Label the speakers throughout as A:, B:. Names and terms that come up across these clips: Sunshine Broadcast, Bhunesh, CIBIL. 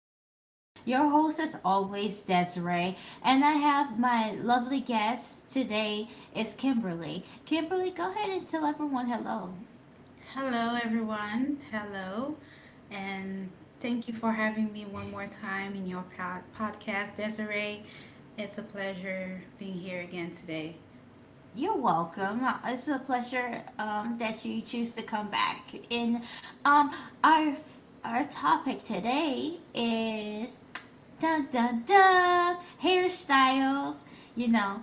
A: podcast. Your host, as always, Desiree. And I have my lovely guest today is Kimberly. Kimberly, go ahead and tell everyone hello.
B: Hello, everyone. Hello. And thank you for having me one more time in your podcast, Desiree. It's a pleasure being here again today.
A: You're welcome. It's a pleasure that you choose to come back. And um, our, our topic today is dun dun dun hairstyles. You know,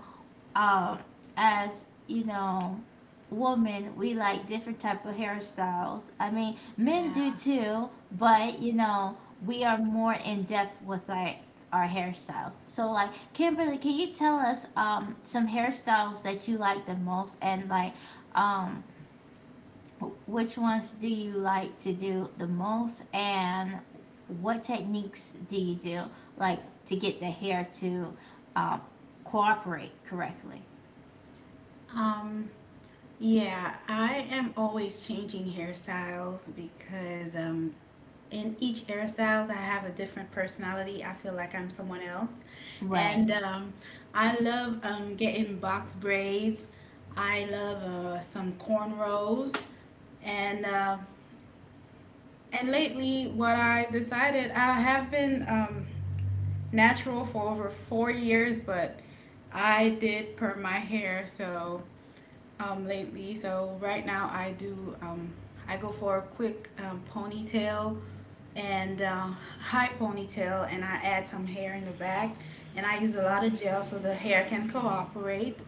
A: um as you know, women, we like different type of hairstyles. I mean, men do
B: Yeah.
A: too, but we are more in depth with like our hairstyles. So like, Kimberly, can you tell us some hairstyles that you like the most, and like um which ones do you like to do the most, and what techniques do you do, like, to get the hair to um, cooperate correctly?
B: Um, yeah, I am always changing hairstyles because in each hairstyles I have a different personality. I feel like I'm someone else,
A: Right,
B: and I love getting box braids. I love some cornrows, and And lately, what I decided, I have been natural for over 4 years, but I did perm my hair so lately. So right now, I do. I go for a quick ponytail and high ponytail, and I add some hair in the back. And I use a lot of gel so the hair can cooperate.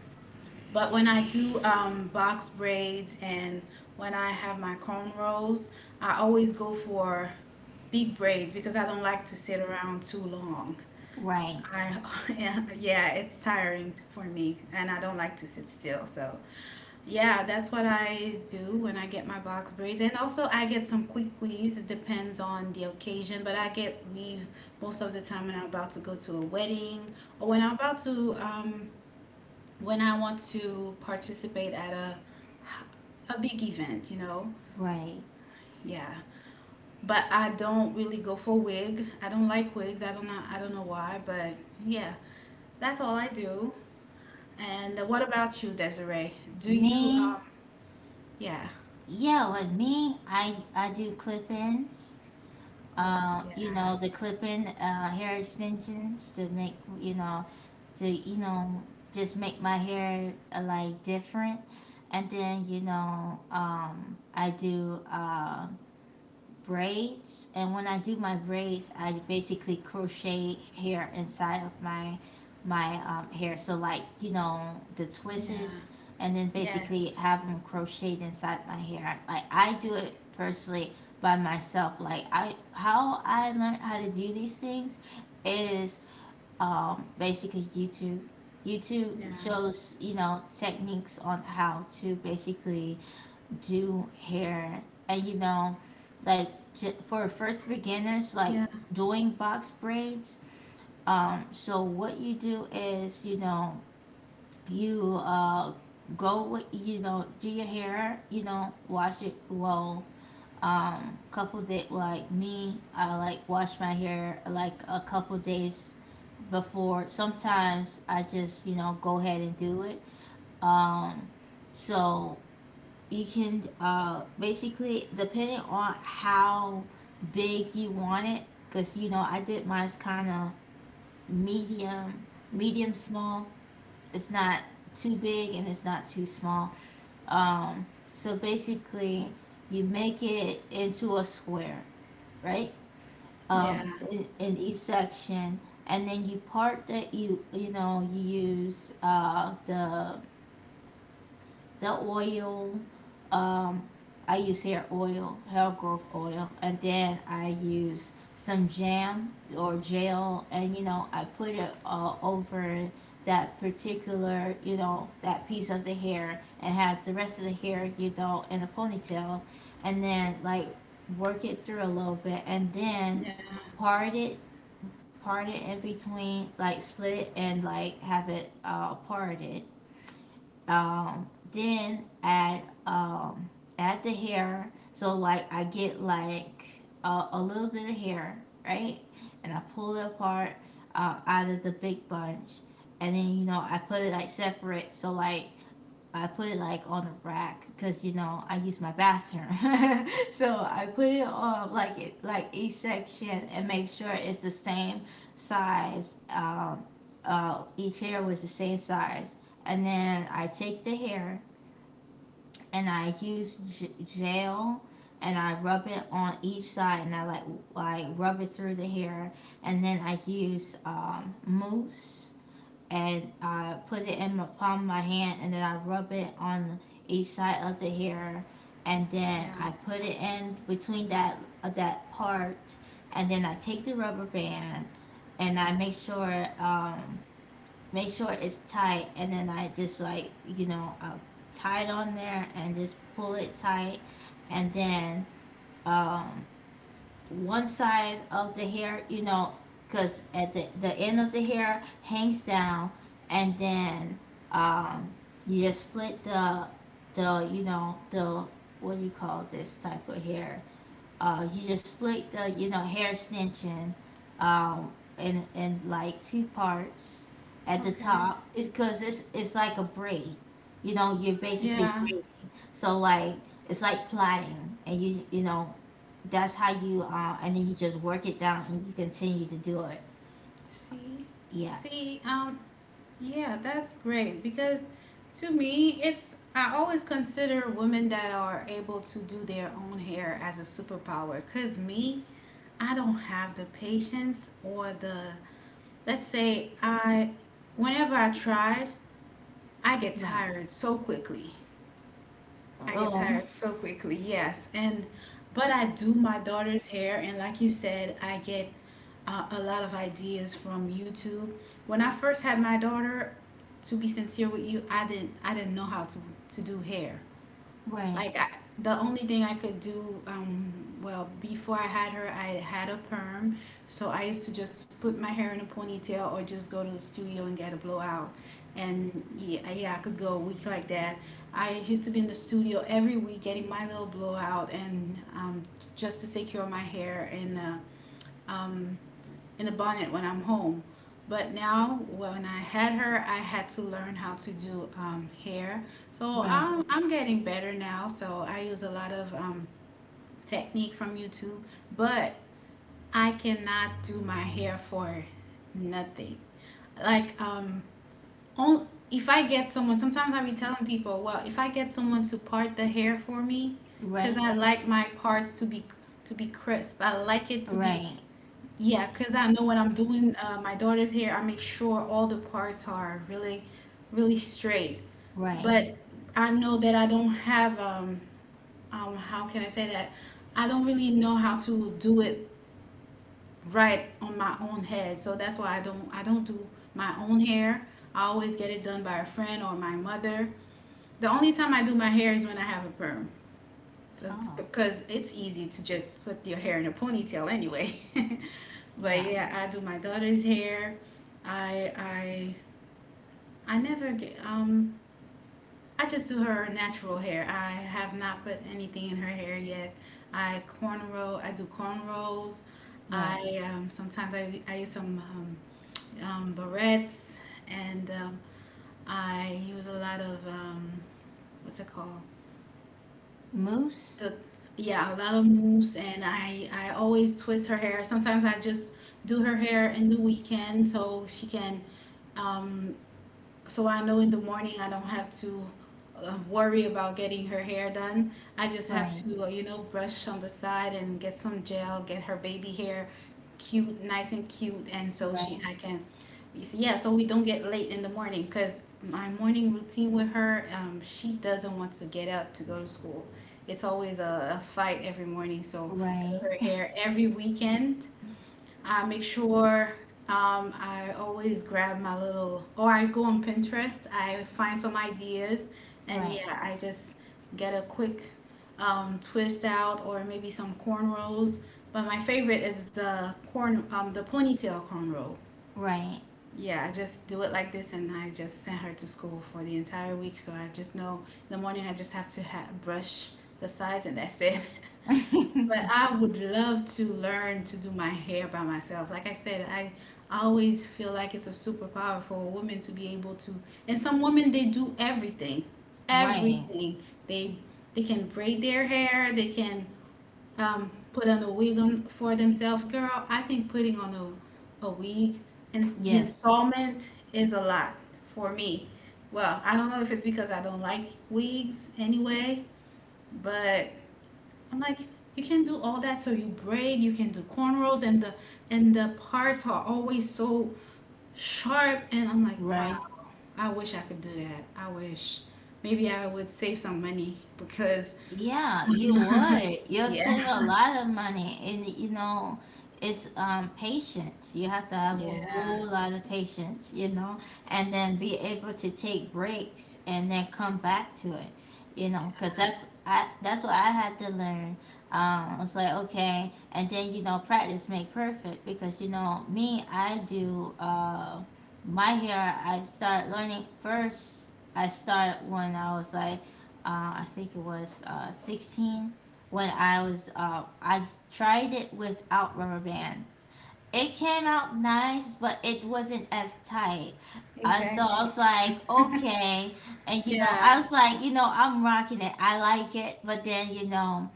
B: But when I do box braids and when I have my cornrows, I always go for big braids because I don't like to sit around too long.
A: right,
B: I yeah, yeah, it's tiring for me and I don't like to sit still. So, yeah, that's what I do when I get my box braids. And also I get some quick weaves. It depends on the occasion, but I get weaves most of the time when I'm about to go to a wedding or when I'm about to when I want to participate at a big event.
A: right.
B: Yeah. But I don't really go for wig. I don't like wigs. I don't know why, but yeah. That's all I do. And what about you, Desiree? Do you
A: Me,
B: yeah.
A: yeah, with me, I do clip-ins.
B: Oh,
A: You
B: yeah.
A: know, the clip-in hair extensions to make, you know, to, you know, just make my hair like different. And then, you know, I do braids, and when I do my braids, I basically crochet hair inside of my hair. So like, you know, the twists,
B: Yeah.
A: and then
B: Yes.
A: basically have them crocheted inside my hair. Like, I do it personally by myself. Like, I, how I learned how to do these things is basically youtube
B: Yeah.
A: shows, you know, techniques on how to basically do hair. And you know, like, for first beginners, like
B: Yeah.
A: doing box braids. So what you do is, you know, you go with, you know, do your hair, you know, wash it well. Couple day, like me, I like wash my hair like a couple days before. Sometimes I just, you know, go ahead and do it. um so you can basically, depending on how big you want it, because you know, I did mine's kind of medium, medium small. It's not too big, and it's not too small. um so basically, you make it into a square, right,
B: Yeah.
A: in each section, and then you part that. You know, you use the oil. Um, I use hair oil, hair growth oil, and then I use some jam or gel, and you know, I put it over that particular, you know, that piece of the hair, and have the rest of the hair, you know, in a ponytail, and then like work it through a little bit, and then
B: Yeah.
A: part it, part it in between, like split it, and like have it parted, then add add the hair. So like I get like a little bit of hair, right? And I pull it apart out of the big bunch, and then you know, I put it like separate. So like I put it like on the rack because you know, I use my bathroom. So I put it on like it, like each section, and make sure it's the same size. Each hair was the same size, and then I take the hair and I use gel, and I rub it on each side, and I like rub it through the hair, and then I use mousse, and I put it in the palm of my hand, and then I rub it on each side of the hair, and
B: Yeah.
A: then I put it in between that that part, and then I take the rubber band, and I make sure it's tight, and then I just like, you know, I tie it on there and just pull it tight. And then um, one side of the hair, you know, because at the end of the hair hangs down, and then um, you just split the, the what do you call this type of hair? You just split the, you know, hair extension, um, in like two parts at the
B: Okay.
A: top. It's because it's like a braid. You know, you're basically
B: Yeah.
A: braiding. So like, it's like plaiting, and you know, that's how you and then you just work it down, and you continue to do it.
B: See?
A: Yeah.
B: See, um Yeah, that's great because to me, it's I always consider women that are able to do their own hair as a superpower. Cause me, I don't have the patience or the let's say I whenever I try, I get
A: Right.
B: tired so quickly. I get
A: Oh.
B: tired so quickly, yes. And but I do my daughter's hair, and like you said, I get a lot of ideas from YouTube. When I first had my daughter, to be sincere with you, I didn't know how to do hair.
A: Right.
B: Like I, the only thing I could do, well, before I had her, I had a perm, so I used to just put my hair in a ponytail or just go to the studio and get a blowout. And yeah, yeah, I could go a week like that. I used to be in the studio every week getting my little blowout and just to secure my hair and. um, in the bonnet when I'm home. But now, when I had her, I had to learn how to do hair. So
A: Right.
B: I'm getting better now. So I use a lot of technique from YouTube, but I cannot do my hair for nothing. Like, on, if I get someone, sometimes I be telling people, well, if I get someone to part the hair for me, because
A: Right.
B: I like my parts to be crisp. I like it to be
A: Right.
B: yeah, because I know when I'm doing my daughter's hair, I make sure all the parts are really, really straight.
A: Right.
B: But I know that I don't have, how can I say that? I don't really know how to do it right on my own head. So that's why I don't do my own hair. I always get it done by a friend or my mother. The only time I do my hair is when I have a perm. So,
A: Oh.
B: because it's easy to just put your hair in a ponytail anyway. But
A: Yeah.
B: yeah, I do my daughter's hair. I I I never get I just do her natural hair. I have not put anything in her hair yet. I cornrow. I do cornrows. I
A: Right.
B: sometimes I use some barrettes and I use a lot of what's it called?
A: Moose.
B: The, yeah, a lot of mousse and I always twist her hair. Sometimes I just do her hair in the weekend so she can um, so I know in the morning I don't have to worry about getting her hair done. I just have
A: Right.
B: to, you know, brush on the side and get some gel, get her baby hair cute, nice and cute, and so she
A: Right.
B: I can, you see, yeah, so we don't get late in the morning because my morning routine with her, she doesn't want to get up to go to school. It's always a fight every morning, so I do
A: Right.
B: her hair every weekend I make sure I always grab my little, or I go on Pinterest, I find some ideas, and
A: Right,
B: yeah, I just get a quick twist out or maybe some cornrows. But my favorite is the ponytail cornrow.
A: right,
B: Yeah, I just do it like this, and I just send her to school for the entire week. So I just know in the morning I just have to brush the sides, and that's it. But I would love to learn to do my hair by myself. Like I said, I always feel like it's a superpower for a woman to be able to. And some women they do everything,
A: right.
B: everything. They they can braid their hair. They can put on a wig on for themselves. Girl, I think putting on a wig and the
A: Yes,
B: installment is a lot for me. Well, I don't know if it's because I don't like wigs anyway, but I'm like, you can do all that. So you braid, you can do cornrows, and the parts are always so sharp. And I'm like, wow,
A: right.
B: I wish I could do that. I wish. Maybe I would save some money because,
A: Yeah, you would. You'll
B: yeah,
A: save a lot of money, and you know, it's patience. You have to have a
B: yeah,
A: whole lot of patience, you know, and then be able to take breaks and then come back to it, you know, because that's I that's what I had to learn. I was like, okay, and then you know, practice make perfect, because you know me, I do my hair. I start learning first. I start when I was like I think it was 16, when I was I tried it without rubber bands. It came out nice, but it wasn't as tight. So I
B: Exactly.
A: was like, okay, and you know, I
B: yeah.
A: was like, you know, I'm rocking it. I like it, but then you know,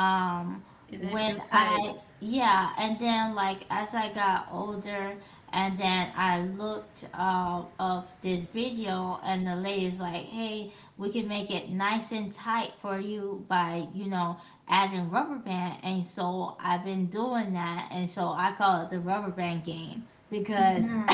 A: um
B: It didn't
A: when
B: feel
A: I
B: tight.
A: yeah, and then like as I got older, and then I looked up this video, and the lady's like, hey, we can make it nice and tight for you by, you know, adding rubber band. And so I've been doing that, and so I call it the rubber band game, because
B: Yeah,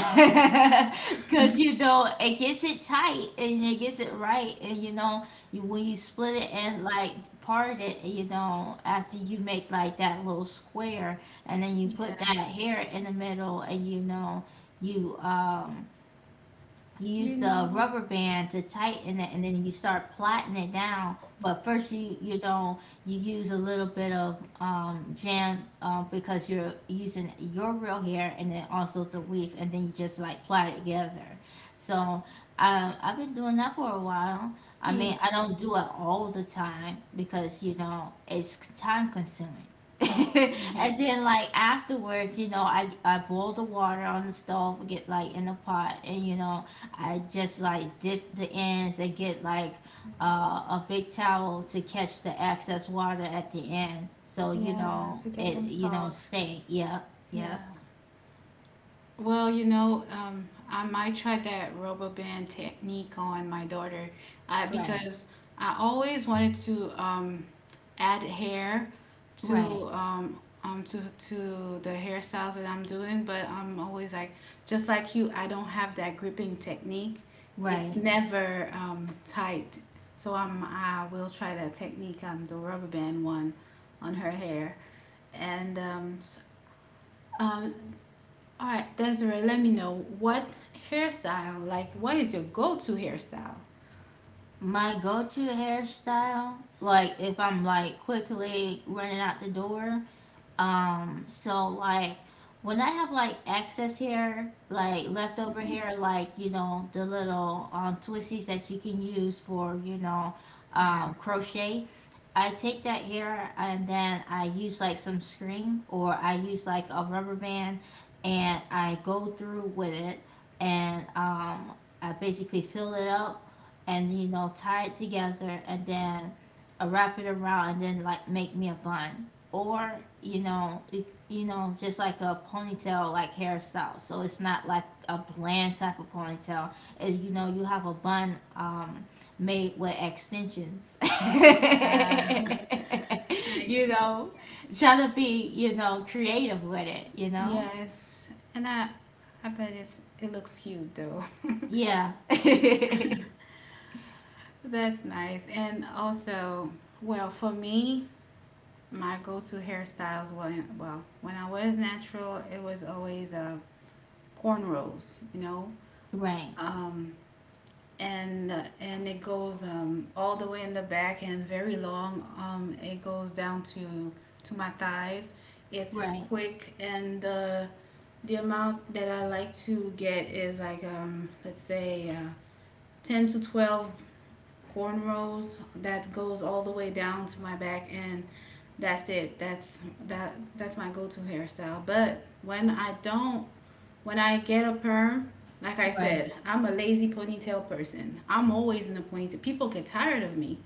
A: because you know, it gets it tight, and it gets it right, and you know, you, when you split it and like part it, you know, after you make like that little square, and then you put
B: yeah.
A: that hair in the middle, and you know, you you
B: You
A: use the
B: know,
A: rubber band to tighten it, and then you start plaiting it down. But first, you don't you use a little bit of jam, because you're using your real hair, and then also the weave, and then you just like plait it together. So I, I've been doing that for a while. I
B: yeah,
A: mean, I don't do it all the time because you know, it's time consuming.
B: yeah,
A: And then like afterwards, you know, I boil the water on the stove, get like in the pot, and you know, I just like dip the ends, and get like a big towel to catch the excess water at the end, so you
B: yeah.
A: know
B: To get
A: it,
B: them
A: you know,
B: soft.
A: stay. Yep, yep.
B: Yeah. Well, you know, I might try that RoboBand technique on my daughter
A: Right,
B: because I always wanted to add hair
A: right,
B: to um, um, to to the hairstyles that I'm doing, but I'm always like, just like you, I don't have that gripping technique. It's
A: right.
B: never tight, so I'm I will try that technique, the rubber band one, on her hair, and um, all right, Desiree, let me know what hairstyle, like, what is your go to hairstyle?
A: My go-to hairstyle, like if I'm like quickly running out the door, so like when I have like excess hair, like leftover hair, like you know the little twisties that you can use for, you know,
B: Um,
A: crochet, I take that hair and then I use like some string, or I use like a rubber band, and I go through with it, and I basically fill it up, and you know, tie it together, and then I wrap it around, and then like make me a bun, or you know it, you know, just like a ponytail like hairstyle. So it's not like a bland type of ponytail is, you know, you have a bun made with extensions.
B: yeah. I,
A: You know, trying to be, you know, creative with it, you know?
B: Yes, and I bet it's it looks cute though.
A: Yeah.
B: That's nice. And also, well, for me, my go-to hairstyles when well, when I was natural, it was always cornrows. You know,
A: Right,
B: um, and it goes all the way in the back and very long. It goes down to my thighs. It's
A: right,
B: quick and the amount that I like to get is like let's say 10 to 12 cornrows that goes all the way down to my back and that's it that that's my go-to hairstyle but when I don't when I get a perm, like I
A: right,
B: said, I'm a lazy ponytail person. I'm always in a ponytail. People get tired of me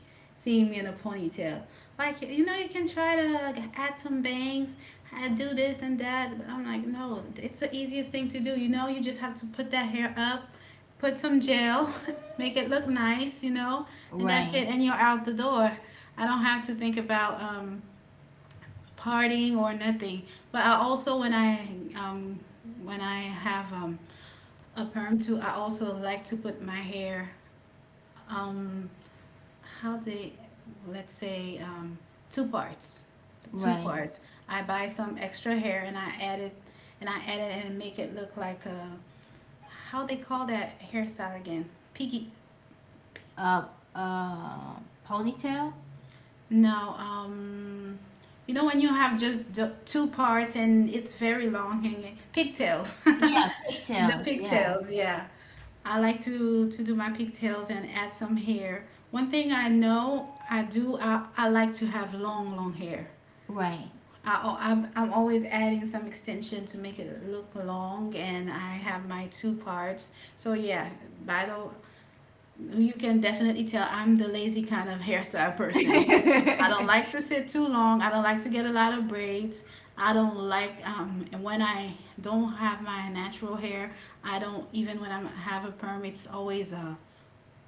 B: seeing me in a ponytail. Like, you know, you can try to add some bangs, I do this and that, but I'm like, no, it's the easiest thing to do. You know, you just have to put that hair up, put some gel, make it look nice, you know, and that's
A: right,
B: it, and you're out the door. I don't have to think about partying or nothing. But I also, um, when I have a perm too. I also like to put my hair, um, how they, let's say, two parts. Two
A: right.
B: parts. I buy some extra hair and I add it, and I add it and make it look like how they call that hairstyle again? Piggy.
A: Uh, uh, Ponytail?
B: No, you know when you have just two parts and it's very long hanging. Pigtails.
A: Yeah,
B: The
A: pigtails. Yeah,
B: pigtails, yeah. I like to do my pigtails and add some hair. One thing I know I do I like to have long long hair.
A: right.
B: I'm always adding some extension to make it look long and I have my two parts. So yeah, by the you can definitely tell I'm the lazy kind of hairstyle person. I don't like to sit too long. I don't like to get a lot of braids. I don't like and when I don't have my natural hair, I don't even when I have a perm, it's always a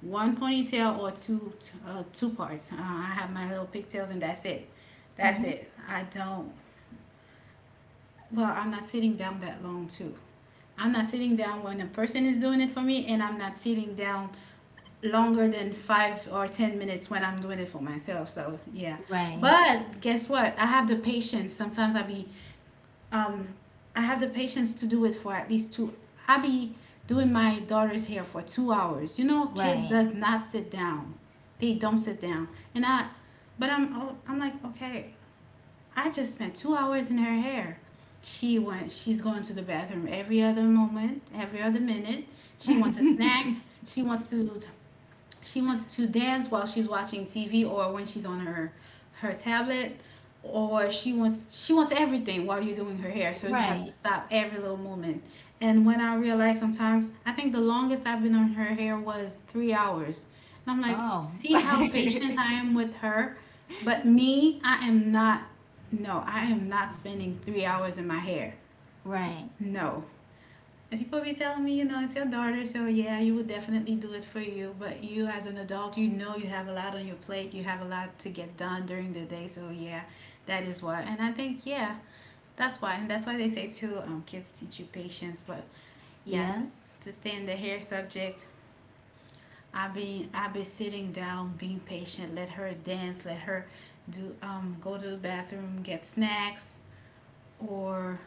B: one ponytail or two two parts. I have my little pigtails and that's it. That's
A: Hmm.
B: it. I don't. Well, I'm not sitting down that long too. I'm not sitting down when a person is doing it for me, and I'm not sitting down longer than 5 or 10 minutes when I'm doing it for myself. So yeah,
A: Right,
B: but guess what? I have the patience. Sometimes um, I have the patience to do it for at least two. I be doing my daughter's hair for 2 hours. You know, kids
A: right.
B: does not sit down. They don't sit down. And I, but I'm, oh, I'm like, okay, I just spent 2 hours in her hair. She's going to the bathroom every other moment, every other minute. She wants a snack. She wants to she wants to dance while she's watching TV or when she's on her tablet, or she wants everything while you're doing her hair. So you have
A: Right.
B: to stop every little moment. And when I realized sometimes, I think the longest I've been on her hair was 3 hours. And I'm like,
A: Oh.
B: "See how patient I am with her, but me, I am not, no, I am not spending 3 hours in my hair."
A: Right.
B: No. And people be telling me, you know, it's your daughter, so yeah, you would definitely do it for you. But you, as an adult, you know you have a lot on your plate. You have a lot to get done during the day. So yeah, that is why. And I think yeah, That's why. And that's why they say too, kids teach you patience. But yeah,
A: Yeah.
B: to stay in the hair subject, I've been sitting down, being patient. Let her dance. Let her do go to the bathroom, get snacks, or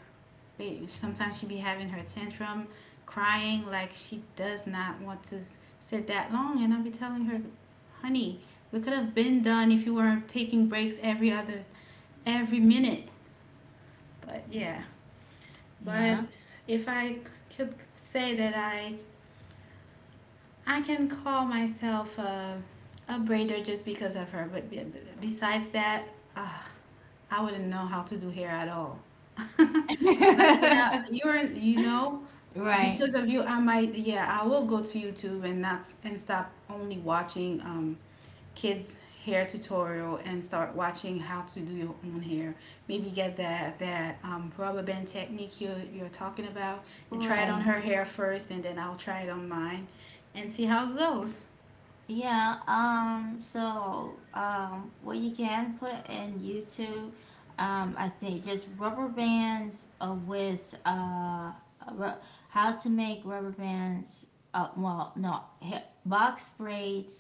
B: sometimes she be having her tantrum, crying like she does not want to sit that long. And I'll be telling her, honey, we could have been done if you weren't taking breaks every minute. But yeah, but
A: Yeah.
B: if I could say that I can call myself a braider just because of her. But besides that, ah, Uh, I wouldn't know how to do hair at all. But yeah, you know,
A: Right,
B: because of you, I might, yeah, I will go to YouTube and not and stop only watching kids hair tutorial and start watching how to do your own hair. Maybe get that rubber band technique you're talking about and try it on
A: right.
B: her hair first, and then I'll try it on mine, and see how it goes.
A: Yeah, so what you can put in YouTube, I think just rubber bands with ru- how to make rubber bands. Well, no, box braids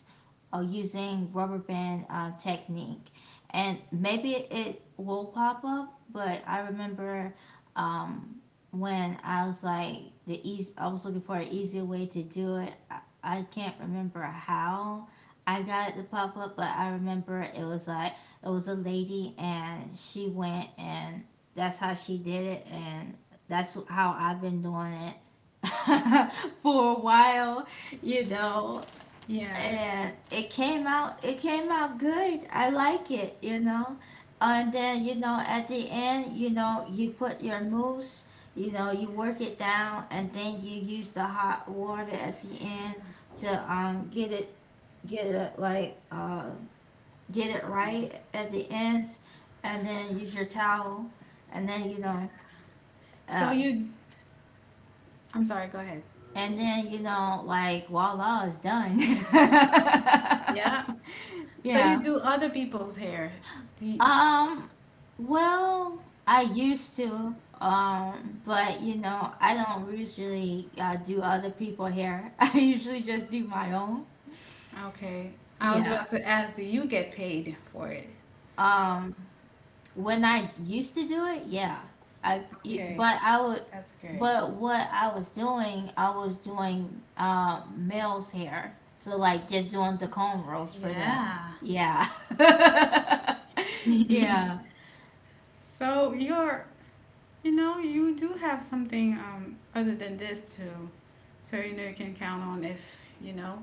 A: using rubber band technique, and maybe it will pop up. But I remember um, when I was like I was looking for an easier way to do it. I can't remember how I got the pop up, but I remember it was like, it was a lady, and she went, and that's how she did it, and that's how I've been doing it. For a while, you know.
B: Yeah.
A: And it came out, it came out good. I like it, you know. And then you know, at the end, you know, you put your mousse, you know, you work it down, and then you use the hot water at the end to get it, get it like get it
B: Oh,
A: right at the ends, and then use your towel, and then you
B: yeah.
A: know
B: So
A: uh
B: you, I'm sorry. Go ahead.
A: and then you know, like voila, it's done.
B: Yeah. So you
A: Yeah.
B: do other people's hair. Do you,
A: Um, well, I used to. But you know, I don't usually do other people hair. I usually just do my own.
B: okay. I was
A: Yeah.
B: about to ask, do you get paid for it?
A: Um, when I used to do it, yeah. I,
B: Okay,
A: but I would,
B: that's great.
A: But what I was doing male's hair. So like just doing the comb rolls for them.
B: Yeah.
A: Yeah. Yeah.
B: So you're, you know, you do have something other than this too. So you know you can count on you know,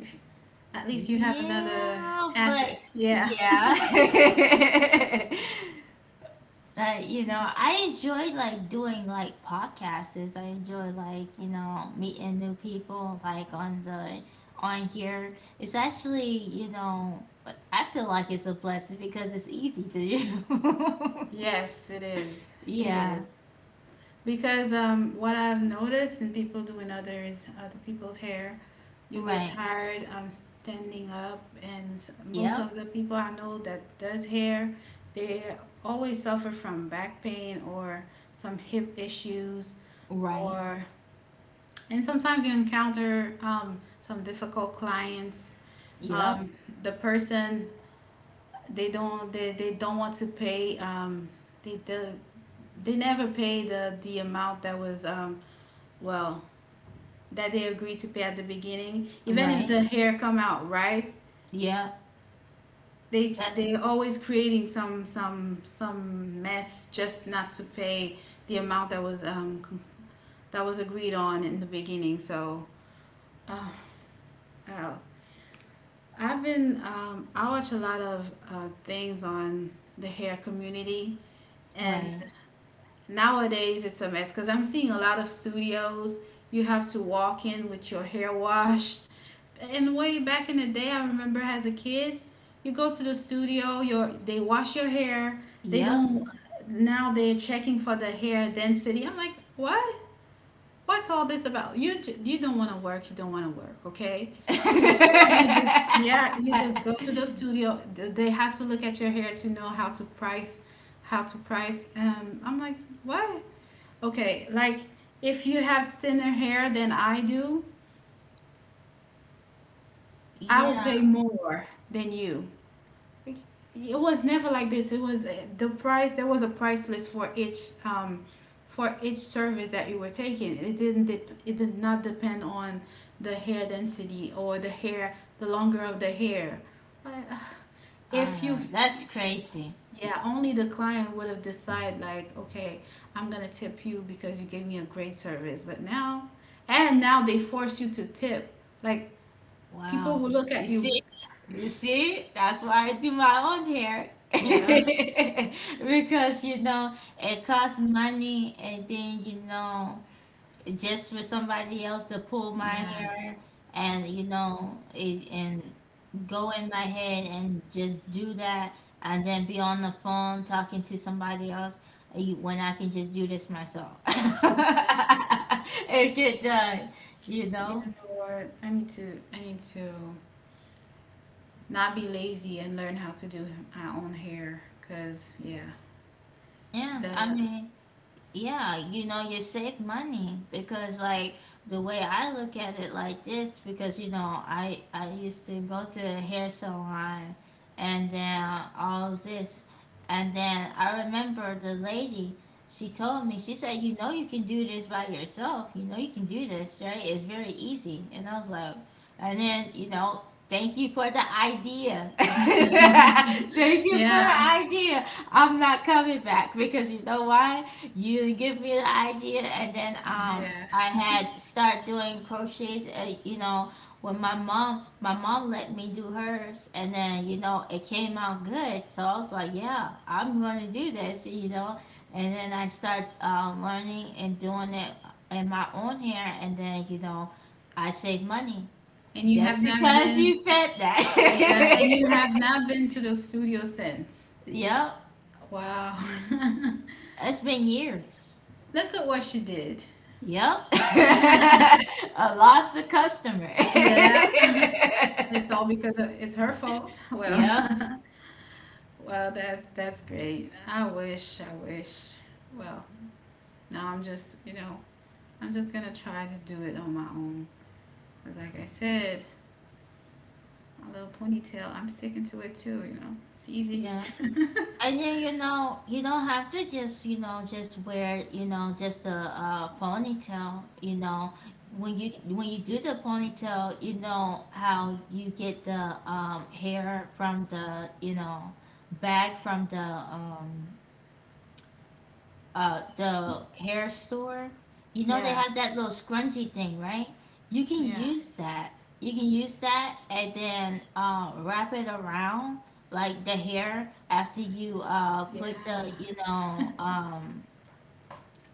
B: if at least you have another
A: Yeah, but
B: asset. Yeah.
A: yeah. Like, you know, I enjoy like doing like podcasts. I enjoy, meeting new people like on here. It's actually, you know, I feel like it's a blessing because it's easy to do.
B: Yes, it is. It
A: Yeah.
B: is. Because what I've noticed in people doing other people's hair, you get
A: Right.
B: tired standing up, and s- most
A: Yep.
B: of the people I know that does hair, they always suffer from back pain or some hip issues,
A: Right.
B: or and sometimes you encounter some difficult clients.
A: Yep.
B: Um, the person they don't want to pay. They, they they never pay the amount that was well, that they agree to pay at the beginning, even if
A: Right.
B: the hair come out right,
A: Yep. That
B: they always creating some mess just not to pay the amount that was that was agreed on in the beginning. So, uh, I don't know. I've been I watch a lot of things on the hair community, and
A: right.
B: nowadays, it's a mess because I'm seeing a lot of studios. You have to walk in with your hair washed. And way back in the day, I remember as a kid, you go to the studio, your they wash your hair. They
A: Yep.
B: don't. Now they're checking for the hair density. I'm like, what? What's all this about? You j- you don't want to work. You don't want to work. Okay. Before you just yeah, You just go to the studio. Th- They have to look at your hair to know how to price, I'm like, what? Okay, like if you have thinner hair than I do, I will
A: Yeah,
B: pay more than you. Like, it was never like this. It was the price. There was a price list um, for each service that you were taking. It didn't. Dep- it did not depend on the hair density or the longer of the hair. I- If you
A: that's crazy.
B: Yeah, only the client would have decided like, okay, I'm gonna tip you because you gave me a great service. But now, and now they force you to tip. Like people
A: Wow.
B: will look
A: You
B: at you.
A: see? You see? That's why I do my own hair.
B: Yeah,
A: Because, you know, it costs money, and then, you know, just for somebody else to pull my
B: yeah,
A: hair and and go in my head and just do that, and then be on the phone talking to somebody else, when I can just do this myself.
B: yeah.
A: And get done, you
B: You
A: know?
B: know what? I need to not be lazy and learn how to do my own hair. Cause yeah,
A: And
B: the
A: I mean, yeah, you know, you save money because like the way I look at it like this, because you know, I used to go to a hair salon and then all this, and then I remember the lady, she told me, she said, "You know you can do this by yourself. You know you can do this, right? It's very easy." And I was like, and then, thank you for the idea. Thank you for the
B: yeah,
A: idea. I'm not coming back, because you know why? You give me the idea, and then
B: yeah.
A: I had to start doing crochets. You know, when my mom, let me do hers, and then you know it came out good. So I was like, yeah, I'm going to do this. You know, and then I start learning and doing it in my own hair, and then you know, I save money
B: And you have
A: just
B: not
A: because
B: been,
A: you said
B: Yeah, and you
A: that.
B: have not been to the studio since.
A: Yep,
B: Wow.
A: it's been years.
B: Look at what she did.
A: Yep. I lost a customer.
B: Yeah, it's all because of, it's her fault.
A: Yeah,
B: Well, well, that's great. I wish. Well, now I'm just, you know, I'm just gonna try to do it on my own. 'Cause like I said, my little ponytail, I'm sticking to it too. You know, it's easy.
A: yeah. And then you know, you don't have to just, you know, just wear, you know, just a, ponytail, you know. When you do the ponytail, you know how you get the hair from the, you know, back from the hair store, you know they
B: Yeah,
A: have that little scrunchie thing, right? You can
B: yeah.
A: use that. You can use that, and then wrap it around like the hair after you put the,
B: Yeah.
A: you know,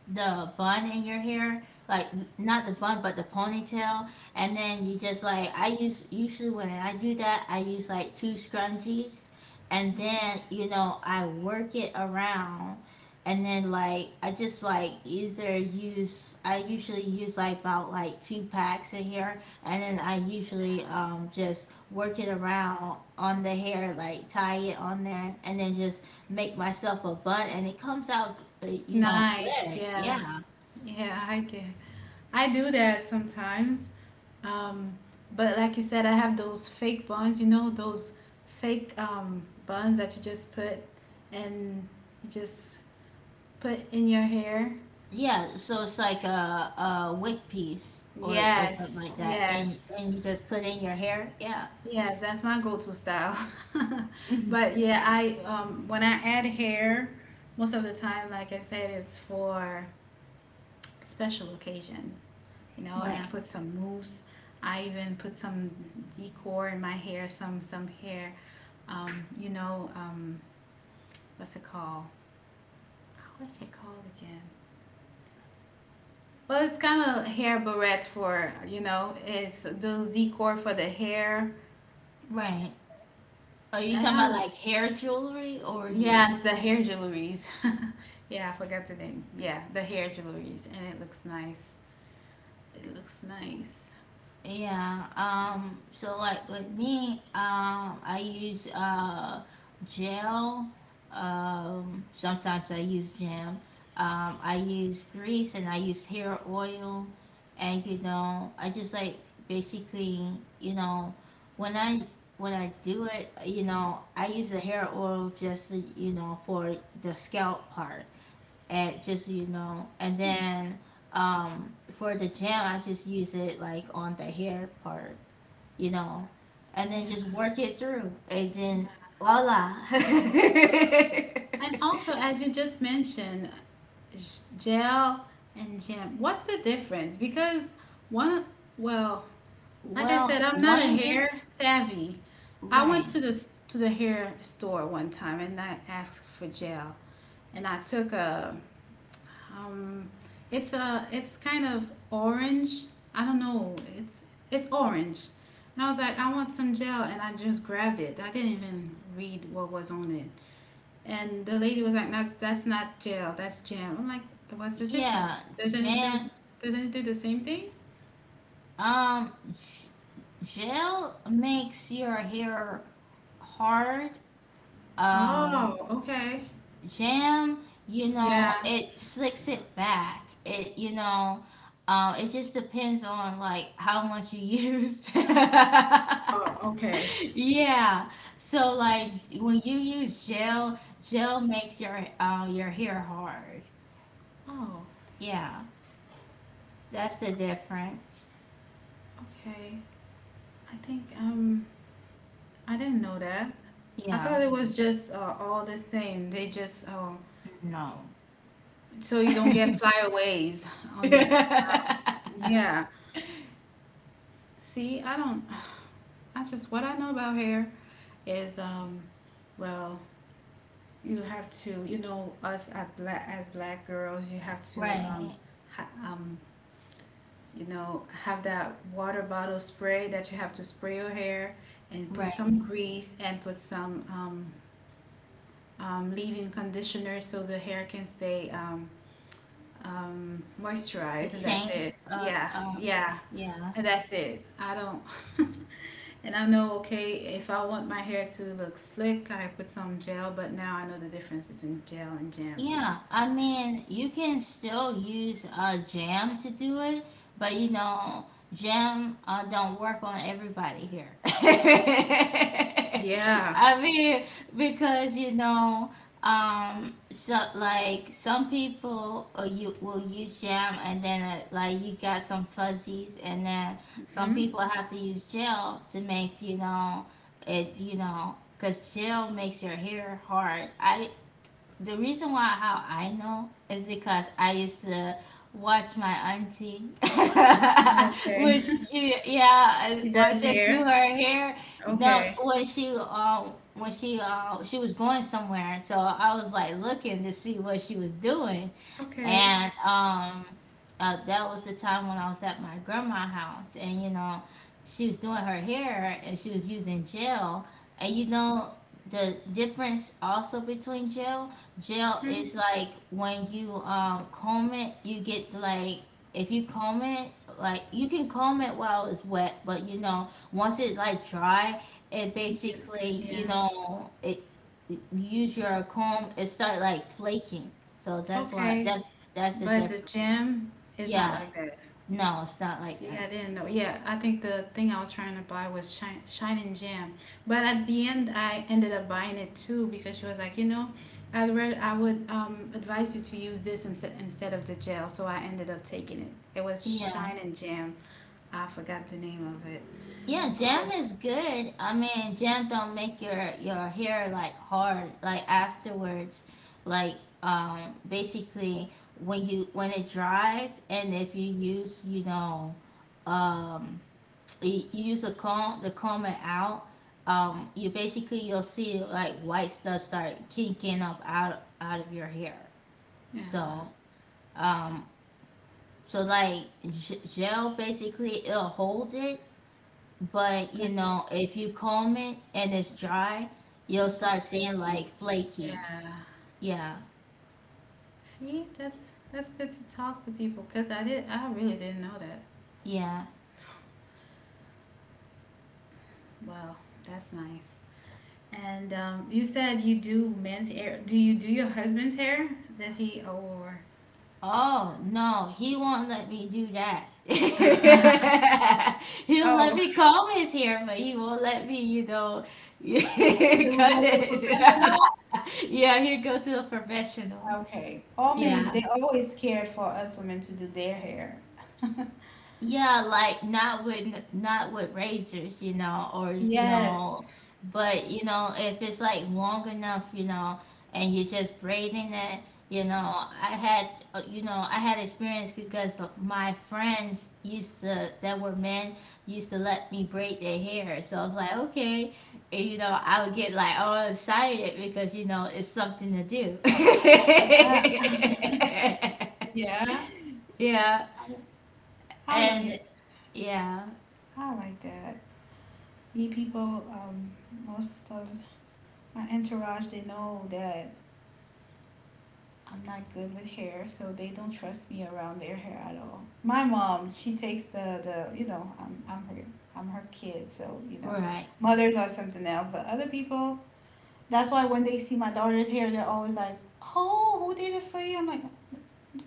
A: the bun in your hair, like not the bun but the ponytail, and then you just like I use usually when I do that I use like two scrunchies, and then you know I work it around, and then like I just like either use I usually use like about like two packs in here, and then I usually just work it around on the hair like tie it on there, and then just make myself a bun, and it comes out you know,
B: Nice.
A: good.
B: Yeah.
A: Yeah.
B: Yeah, I get. I do that sometimes. Um, but like you said, I have those fake buns, you know, those fake buns that you just put and you just put in your hair.
A: Yeah, so it's like a wig piece or something
B: Yes,
A: like that,
B: yes,
A: and you just put in your hair. Yeah,
B: yes, that's my go-to style. But yeah, I when I add hair, most of the time, like I said, it's for special occasion, you know, and I
A: right,
B: put some mousse. I even put some decor in my hair, some hair, you know, what's it called? What are they called again? Well, it's kind of hair barrettes for you know, it's those decor for the hair.
A: right. Are you
B: And
A: talking about
B: I
A: like
B: look,
A: hair jewelry, or do you?
B: yeah, the hair jewelries. Yeah, I forgot the name. Yeah, the hair jewelries, and it looks nice. It looks nice.
A: Yeah, so like with me, I use gel. Sometimes I use jam. I use grease and I use hair oil. And you know, I just like basically, you know, when I when I do it, you know, I use the hair oil just you know for the scalp part and just so you know. And then for the gem, I just use it like on the hair part, you know, and then just
B: Yeah,
A: work it through, and
B: yeah.
A: then voila.
B: And also, as you just mentioned, j- gel and gem. What's the difference? Because one, well, like I said,
A: Well,
B: I'm not a
A: one
B: hair
A: gets
B: savvy. I went to
A: right.
B: the hair store one time and I asked for gel, and I took a um, it's a it's kind of orange. I don't know. It's orange, and I was like, I want some gel, and I just grabbed it. I didn't even read what was on it, and the lady was like, that's not gel, that's jam. I'm like, what's the difference?
A: Yeah,
B: Doesn't it do
A: jam.
B: doesn't it do the same thing?
A: Um, g- Gel makes your hair hard. Um,
B: Oh, okay.
A: Jam, you know,
B: Yeah,
A: it slicks it back. It, you know, it just depends on like how much you use.
B: oh, okay.
A: Yeah. So like when you use gel, gel makes your hair hard.
B: Oh,
A: Yeah, that's the difference.
B: okay. I think I didn't know that. I
A: Yeah.
B: thought it was just all the same. They just oh,
A: No.
B: so you don't get
A: Right.
B: flyaways on you. Yeah. See, I don't. I just what I know about hair is well, you have to, you know, us at black as black girls, you have to
A: Right.
B: um, ha- you know, have that water bottle spray that you have to spray your hair and put some grease and put some leave-in conditioner so the hair can stay moisturized, and that's
A: Detain.
B: it. Yeah, yeah,
A: Yeah.
B: and that's it. I don't, and I know, okay, if I want my hair to look slick, I put some gel, but now I know the difference between gel and jam. I'm like,
A: Yeah, I mean, you can still use jam to do it, but you know, jam don't work on everybody here.
B: yeah,
A: I mean, because you know, so like some people, you will use jam, and then like you got some fuzzies, and then some
B: hmm
A: people have to use gel to make you know it, you know, because gel makes your hair hard. I The reason why how I know is because I used to watch my auntie,
B: okay.
A: which you yeah, I
B: She does
A: watch her do
B: hair.
A: her hair. No,
B: Okay,
A: when she was going somewhere, so I was like looking to see what she was doing,
B: okay.
A: and that was the time when I was at my grandma's house, and you know, she was doing her hair and she was using gel, and you know, the difference also between gel, gel
B: Mhm.
A: is like when you comb it, you get like if you comb it, like you can comb it while it's wet, but you know, once it like dry, it
B: Yeah,
A: basically you
B: yeah.
A: know it use your comb, it start like flaking. So that's why
B: Okay.
A: that's the
B: But the
A: difference.
B: gym is not
A: Yeah,
B: like that.
A: no, it's not like
B: See, I
A: that.
B: didn't know. Yeah, I think the thing I was trying to buy was shine and jam. But at the end, I ended up buying it too because she was like, you know, I would advise you to use this instead of the gel. So I ended up taking it. It was
A: Yeah.
B: shine and jam. I forgot the name of it.
A: Yeah,
B: Oh,
A: jam is good. I mean, jam don't make your hair like hard like afterwards. Like basically when it dries, and if you use, you know, um you use a comb to comb it out. You basically you'll see like white stuff start kinking up out out of your hair.
B: yeah.
A: So um, so like gel basically it'll hold it, but
B: But
A: you
B: it was,
A: know if you comb it and it's dry,
B: it
A: you'll
B: was all
A: start seeing
B: flaking.
A: like flaky.
B: Yeah.
A: Yeah,
B: See, that's good to talk to people because I really didn't know that.
A: yeah.
B: Wow, that's nice. And you said you do men's hair. Do you do your husband's hair? Does he or
A: Oh no, he won't let me do that. He'll let
B: Oh,
A: me comb his hair, but he won't let me, you know, cut
B: he will go to a
A: it.
B: professional?
A: Yeah, he'll go to a professional.
B: Okay. All men,
A: Yeah.
B: they always cared for us women to do their hair.
A: Yeah, like not with not with razors, you know, or you know,
B: Yes.
A: but you know, if it's like long enough, you know, and you're just braiding it, you know, I had you know, I had experience because my friends used to that were men used to let me braid their hair. So I was like, okay, and you know, I would get like all excited because you know, it's something to do.
B: Yeah. Yeah.
A: Yeah.
B: I,
A: And
B: like
A: yeah.
B: I like that. Me people, most of my entourage, they know that I'm not good with hair, so they don't trust me around their hair at all. My mom, she takes the you know I'm her kid, so you know
A: Right.
B: mothers are something else. But other people, that's why when they see my daughter's hair, they're always like, "Oh, who did it for you?" I'm like,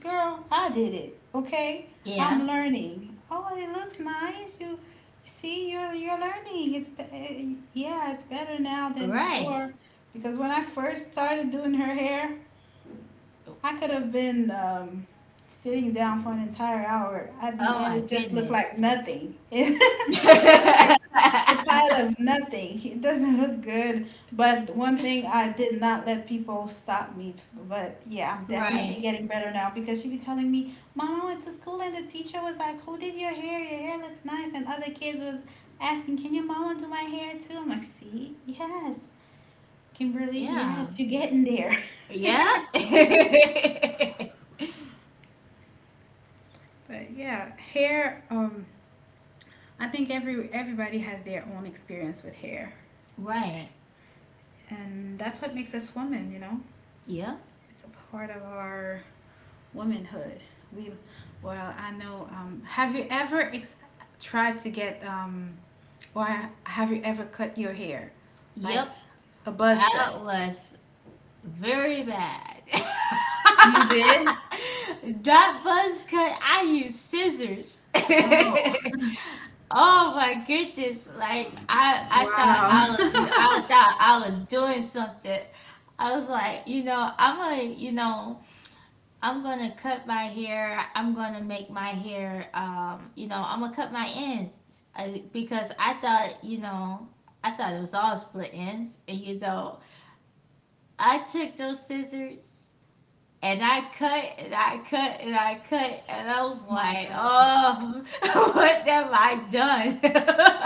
B: "Girl, I did it. Okay,
A: Yeah.
B: I'm learning. Oh, it looks nice. You." See, you're learning. Yeah, it's better now than
A: Right.
B: before because when I first started doing her hair, I could have been sitting down for an entire hour. At the
A: Oh
B: end,
A: my
B: it just looked like
A: goodness.
B: nothing. It looks like a pile of nothing. It doesn't look good. But one thing, I did not let people stop me. But yeah, I'm definitely
A: Right.
B: getting better now because she be telling me, "Mom, I went to school and the teacher was like, 'Who did your hair? Your hair looks nice.' And other kids was asking, 'Can your mama do my hair too?'" I'm like, "See? Yes. Kimberly,
A: Yeah.
B: yes, you're getting there."
A: Yeah.
B: But yeah, hair. I think everybody has their own experience with hair,
A: Right.
B: and that's what makes us women. You know,
A: Yep.
B: it's a part of our womanhood. We, I know. Have you ever ex- Tried to get? Why, have you ever cut your hair, like
A: Yep.
B: a buzz
A: That
B: cut?
A: was very bad.
B: You did.
A: That buzz cut, I used scissors.
B: Oh,
A: Oh my goodness! I thought
B: wow!
A: I was, I thought I was doing something. I was like, you know, I'm gonna, you know, I'm gonna cut my hair. I'm gonna make my hair, you know, I'm gonna cut my ends because I thought, you know, I thought it was all split ends, and you know, I took those scissors, and I cut and I cut and I cut, and I was
B: My
A: like,
B: God,
A: oh, what have I done?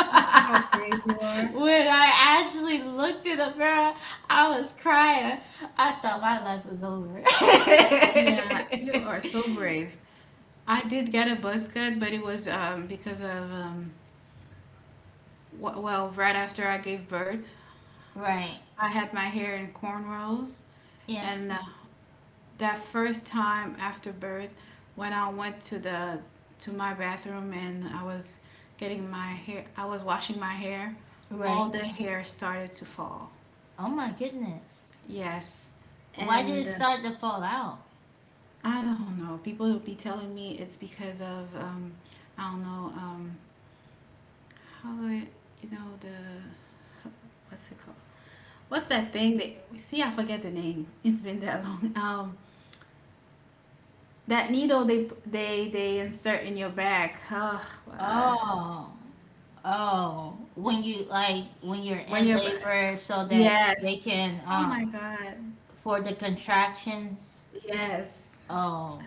B: see how brave you are.
A: When I actually looked in the mirror, I was crying. I thought my life was over.
B: Yeah, you are so brave. I did get a buzz cut, but it was because of well, right after I gave birth,
A: Right.
B: I had my hair in cornrows,
A: Yeah.
B: and that first time after birth, when I went to the to my bathroom and I was getting my hair, I was washing my hair, all
A: Right.
B: the hair started to fall.
A: Oh my goodness.
B: Yes,
A: Why did
B: and
A: it start to fall out?
B: I don't know. People will be telling me it's because of I don't know. How it, you know, the what's it called? What's that thing that, see? I forget the name. It's been that long. That needle they insert in your back. Oh, uh,
A: Oh, oh, when you like when you're
B: when
A: in
B: you're
A: labor, so that
B: yes.
A: they can
B: Oh my god.
A: for the contractions.
B: Yes.
A: Oh,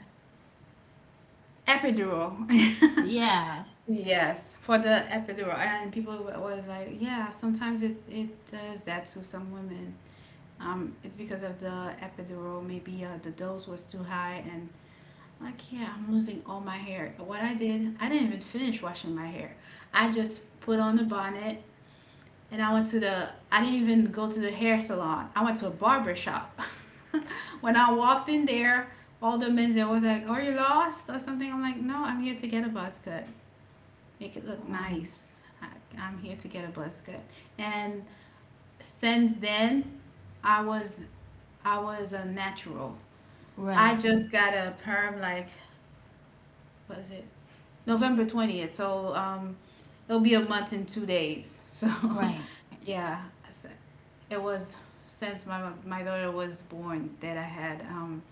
B: Epidural.
A: yeah.
B: Yes, for the epidural. And people was like, yeah, sometimes it, it does that to some women. It's because of the epidural. Maybe the dose was too high and I can't. I'm losing all my hair. What I did, I didn't even finish washing my hair. I just put on the bonnet and I went to the, I didn't even go to the hair salon. I went to a barber shop. When I walked in there, all the men there was like, "Are you lost or something?" I'm like, "No, I'm here to get a buzz cut. Make it look
A: Um,
B: nice. I, I'm here to get a buzz cut." And since then, I was, I was a natural. I
A: right,
B: just got a perm like, what is it? November 20th. So it'll be a month in 2 days. So
A: right.
B: yeah, it was since my daughter was born that I had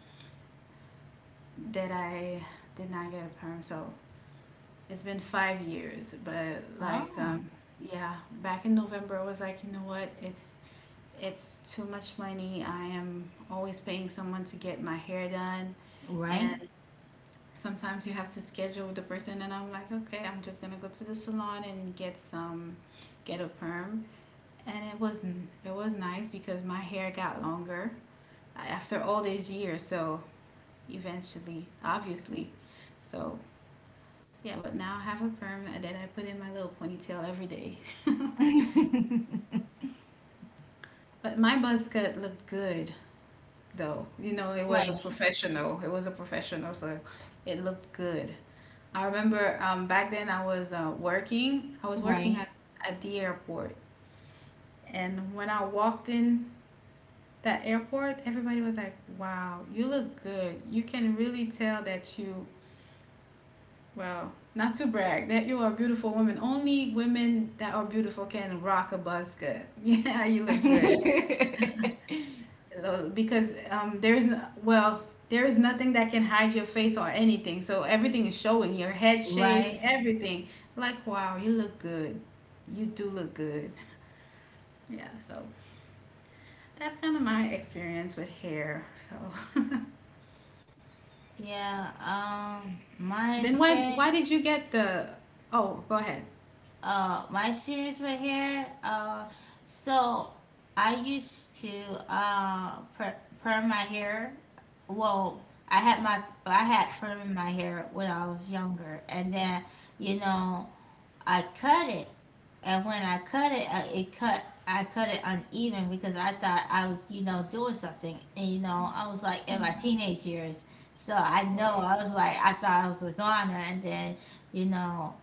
B: that I did not get a perm. So it's been 5 years. But like
A: Oh,
B: yeah, back in November I was like, you know what? It's too much money. I am always paying someone to get my hair done,
A: right.
B: and sometimes you have to schedule the person, and I'm like, okay, I'm just gonna go to the salon and get some get a perm. And it was, it was nice because my hair got longer after all these years, so eventually, obviously, so yeah, but now I have a perm that I put in my little ponytail every day. But my buzz cut looked good, though. You know, it
A: Right,
B: was a professional, it was a professional, so it looked good. I remember back then I was working. I was working
A: right.
B: at the airport. And when I walked in that airport, everybody was like, "Wow, you look good. You can really tell that you, well, not to brag, that you are a beautiful woman. Only women that are beautiful can rock a bus cut. Yeah, you look good." Because There's, well, there is nothing that can hide your face or anything, so everything is showing your head shape,
A: Right.
B: everything. Like, wow, you look good. You do look good. Yeah, so that's kind of my experience with hair. So
A: Yeah, my
B: then, why
A: experience.
B: did you get the, oh, go ahead.
A: My students were here. So I used to perm my hair. Well, I had perm in my hair when I was younger, and then you know I cut it, and when I cut it, it cut. I cut it uneven because I thought I was, you know, doing something. And, you know, I was like in
B: No.
A: my teenage years. So I know I
B: Wow,
A: was like, I thought I was a goner. And then, you know,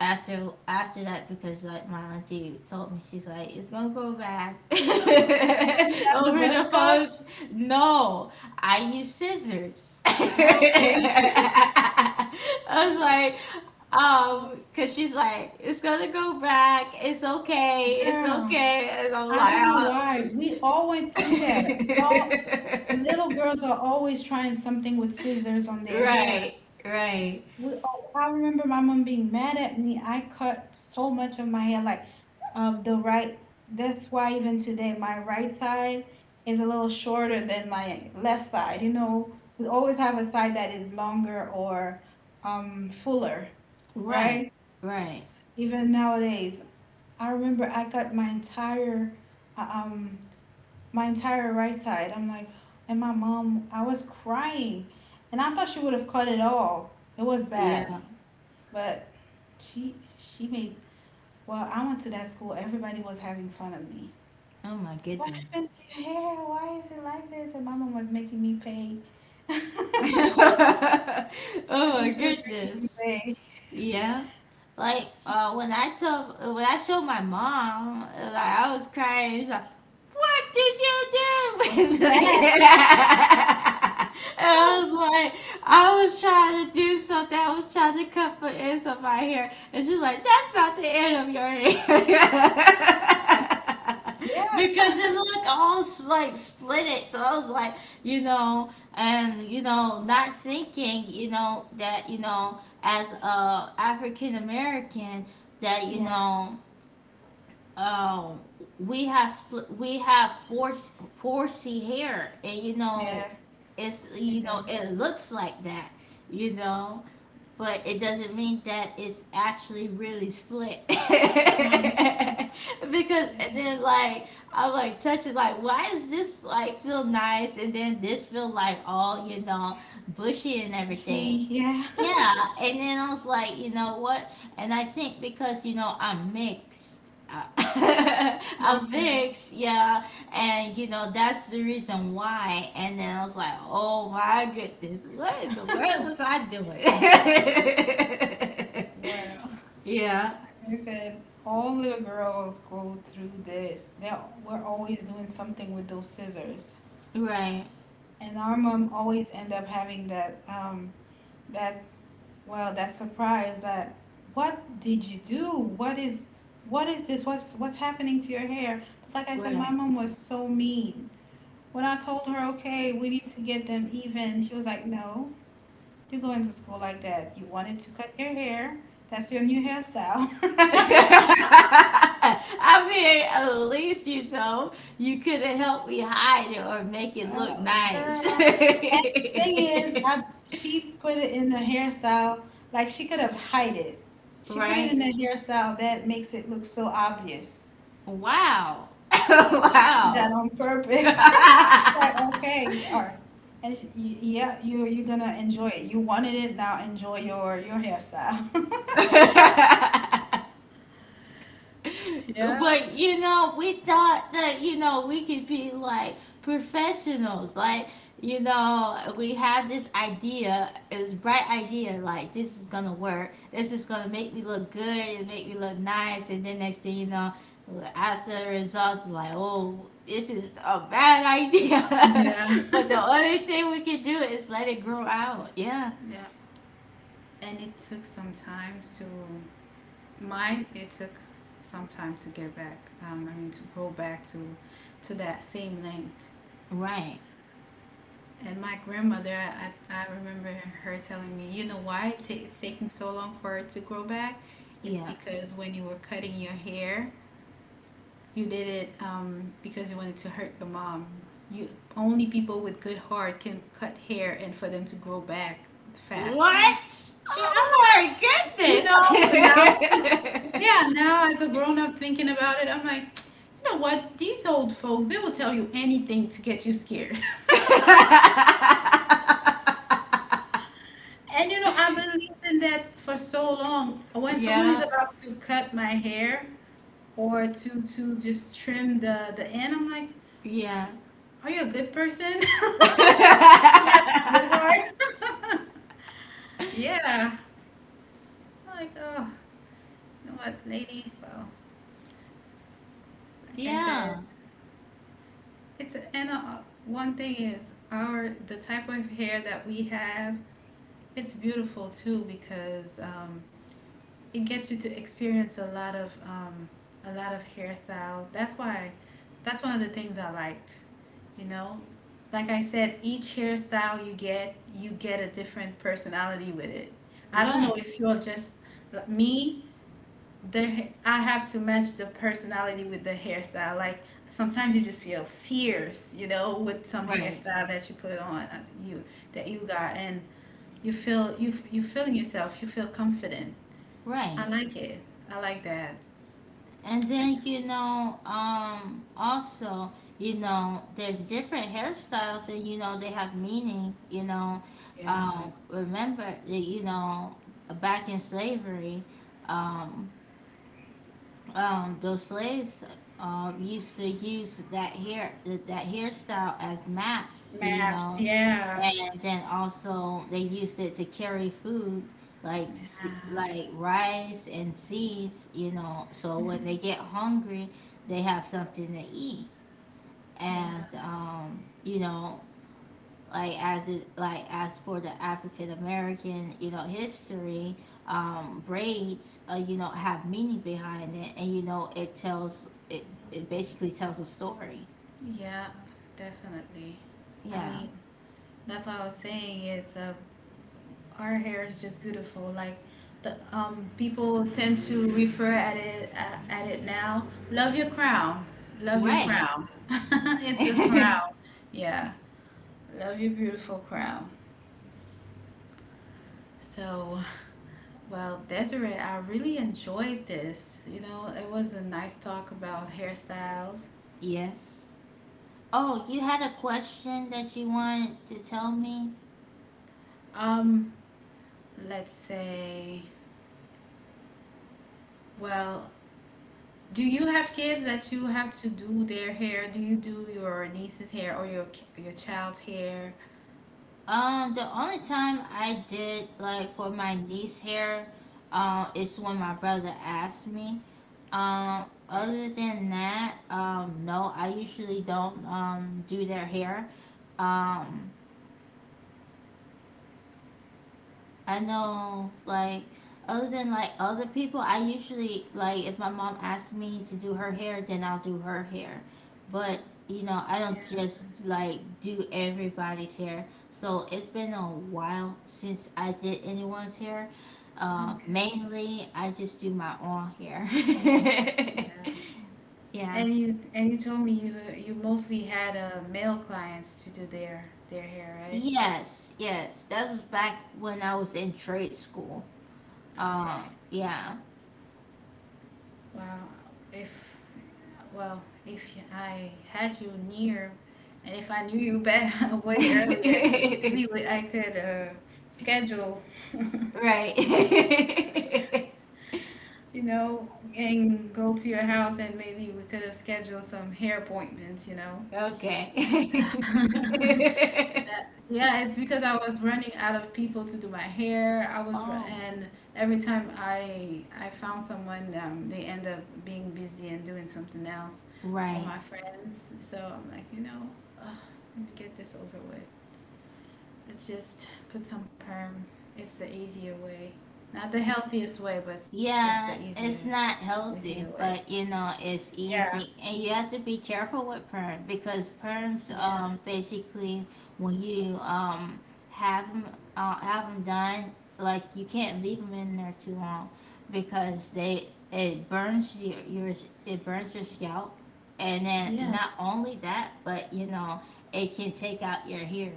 A: after after that because like my auntie told me, she's like, it's gonna go back.
B: that's when you got the
A: Over
B: buzz
A: the
B: cut.
A: phones? No, I use scissors. I
B: Okay.
A: was like, because she's like it's gonna go back, it's okay, it's
B: Girl,
A: okay. And I'm
B: I
A: like,
B: don't know
A: "Oh."
B: why. We all went through that. All little girls are always trying something with scissors on their hair.
A: Right, right,
B: All I remember, my mom being mad at me. I cut so much of my hair, like of the right. That's why even today my right side is a little shorter than my left side. You know, we always have a side that is longer or fuller,
A: right,
B: right?
A: right.
B: Even nowadays, I remember I cut uh, um my entire right side. I'm like, and my mom, I was crying, and I thought she would have cut it all. It was
A: Yeah,
B: bad, but she made. Well, I went to that school. Everybody was having fun of me.
A: oh my
B: "What
A: goodness.
B: happened to your hair? Why is it like this?" And my mom was making me pay. I
A: Oh
B: think
A: my
B: she was making me
A: goodness.
B: pay.
A: Yeah. Like when I told when I showed my mom, like I was crying. She's like, "What did you do?"
B: Yes.
A: And I was like, "I was trying to do something. I was trying to cut for ends of my hair." And she's like, "That's not the end of your hair."
B: Yeah.
A: Because it looked all like split it, so I was like, you know, and you know, not thinking, you know, that you know, as a African American that you
B: Yes.
A: know um, we have split we have four four C hair, and you know
B: Yes.
A: it's
B: We
A: you
B: do.
A: know it looks like that, you know, but it doesn't mean that it's actually really split.
B: Um,
A: Because and
B: Yeah.
A: then like I'm like touching like, why is this like feel nice, and then this feel like all you know bushy and everything?
B: She. Yeah.
A: Yeah, and then I was like, you know what? And I think because I'm mixed, I'm
B: Okay.
A: mixed, yeah, and that's the reason why. And then I was like, oh my goodness, what in the world was I doing?
B: Wow.
A: Yeah,
B: Like I said, all little girls go through this. They We're always doing something with those scissors,
A: right,
B: and our mom always end up having that that well, that surprise, that what did you do? What is what is this? What's happening to your hair? But like I said, my
A: right.
B: mom was so mean. When I told her, okay, we need to get them even, she was like, no, you're going to school like that. You wanted to cut your hair. That's your new hairstyle.
A: I mean, at least you could have helped me hide it or make it look
B: Oh,
A: nice.
B: girl. And the thing is, I, she put it in the hairstyle, like she could have hid it. She put it
A: Right?
B: in the hairstyle that makes it look so obvious.
A: Wow.
B: She did that on purpose. She's like, okay, you are, and she, yeah, you, you're gonna enjoy it. You wanted it now. Enjoy your hairstyle.
A: Wow.
B: Yeah,
A: But we thought that we could be like professionals. Like, we have this idea, this bright idea, like this is gonna work. This is gonna make me look good and make me look nice. And then next thing you know, after the results, like, oh, this is a bad idea.
B: yeah,
A: But the only thing we can do is let it grow out. Yeah,
B: yeah. And it took some time to, mine, it took some time to get back. I mean, to go back to that same length.
A: right.
B: And my grandmother, I remember her telling me, you know why it's taking so long for it to grow back? It's
A: Yeah.
B: because when you were cutting your hair, you did it because you wanted to hurt your mom. You Only people with good heart can cut hair and for them to grow back fast. I'm like,
A: What?
B: yeah,
A: Oh
B: I'm
A: my
B: you
A: goodness.
B: know, but now, yeah, now as a grown up thinking about it, I'm like, you know what? These old folks, they will tell you anything to get you scared. And you know, I've been living that for so long. When someone is
A: Yeah,
B: about to cut my hair or to just trim the end, I'm like,
A: yeah.
B: are you a good person? You have a good heart. Yeah. I'm like, oh, you know what, lady? Well, like I said,
A: Yeah,
B: it's a, and one thing is our the type of hair that we have. It's beautiful too because it gets you to experience a lot of hairstyle. That's why that's one of the things I liked. You know, like I said, each hairstyle you get a different personality with it. I don't know
A: right,
B: if you're just like, me, the I have to match the personality with the hairstyle. Like sometimes you just feel fierce, you know, with some
A: right,
B: hairstyle that you put on you that you got, and you feel, you you feeling yourself. You feel confident.
A: right.
B: I like it. I like that.
A: And then, also, there's different hairstyles and, they have meaning.
B: Yeah.
A: Remember, back in slavery, um, those slaves used to use that hairstyle as maps, you
B: Maps.
A: know,
B: Yeah.
A: and then also they used it to carry food like
B: Yeah.
A: like rice and seeds. So when they get hungry, they have something to eat, and
B: Yeah.
A: like as it like as for the African American history, braids have meaning behind it, and it tells it it basically tells a story.
B: Yeah. Definitely. I
A: Yeah,
B: mean, that's what I was saying. It's a, our hair is just beautiful. Like the people tend to refer at it now. Love your crown. Love your
A: right.
B: crown. It's a crown. Yeah. Love your beautiful crown. So, well, Desiree, I really enjoyed this. You know, it was a nice talk about hairstyles.
A: Yes. Oh, you had a question that you wanted to tell me?
B: Um, let's say, well, do you have kids that you have to do their hair? Do you do your niece's hair or your child's hair?
A: The only time I did, like, for my niece hair, is when my brother asked me. Um,
B: Okay.
A: other than that, no, I usually don't do their hair. Um, I know, like, other than like other people, I usually, like, if my mom asks me to do her hair, then I'll do her hair. But I don't
B: Yeah,
A: just like do everybody's hair. So it's been a while since I did anyone's hair. Uh,
B: okay.
A: mainly, I just do my own hair.
B: Yeah.
A: Yeah.
B: And you told me you, you mostly had male clients to do their hair, right?
A: Yes, yes. That was back when I was in trade school.
B: Okay.
A: Um, yeah.
B: Well, if, well, if I had you near, and if I knew you back way earlier, maybe we, I could schedule,
A: Right.
B: you know, and go to your house, and maybe we could have scheduled some hair appointments, you know.
A: Okay.
B: Yeah, it's because I was running out of people to do my hair. I was, ru-
A: Oh,
B: and every time I found someone, they end up being busy and doing something else.
A: right.
B: All my friends. So I'm like, you know, ugh, let me get this over with. Let's just put some perm. It's the easier way, not the healthiest way, but it's the
A: Yeah,
B: easier,
A: it's not
B: easier
A: healthy,
B: way.
A: but it's
B: Yeah.
A: easy. And you have to be careful with perm, because perms
B: Yeah.
A: basically, when you have them, have 'em done, like you can't leave them in there too long, because they it burns your it burns your scalp. And then
B: Yeah.
A: not only that, but it can take out your hair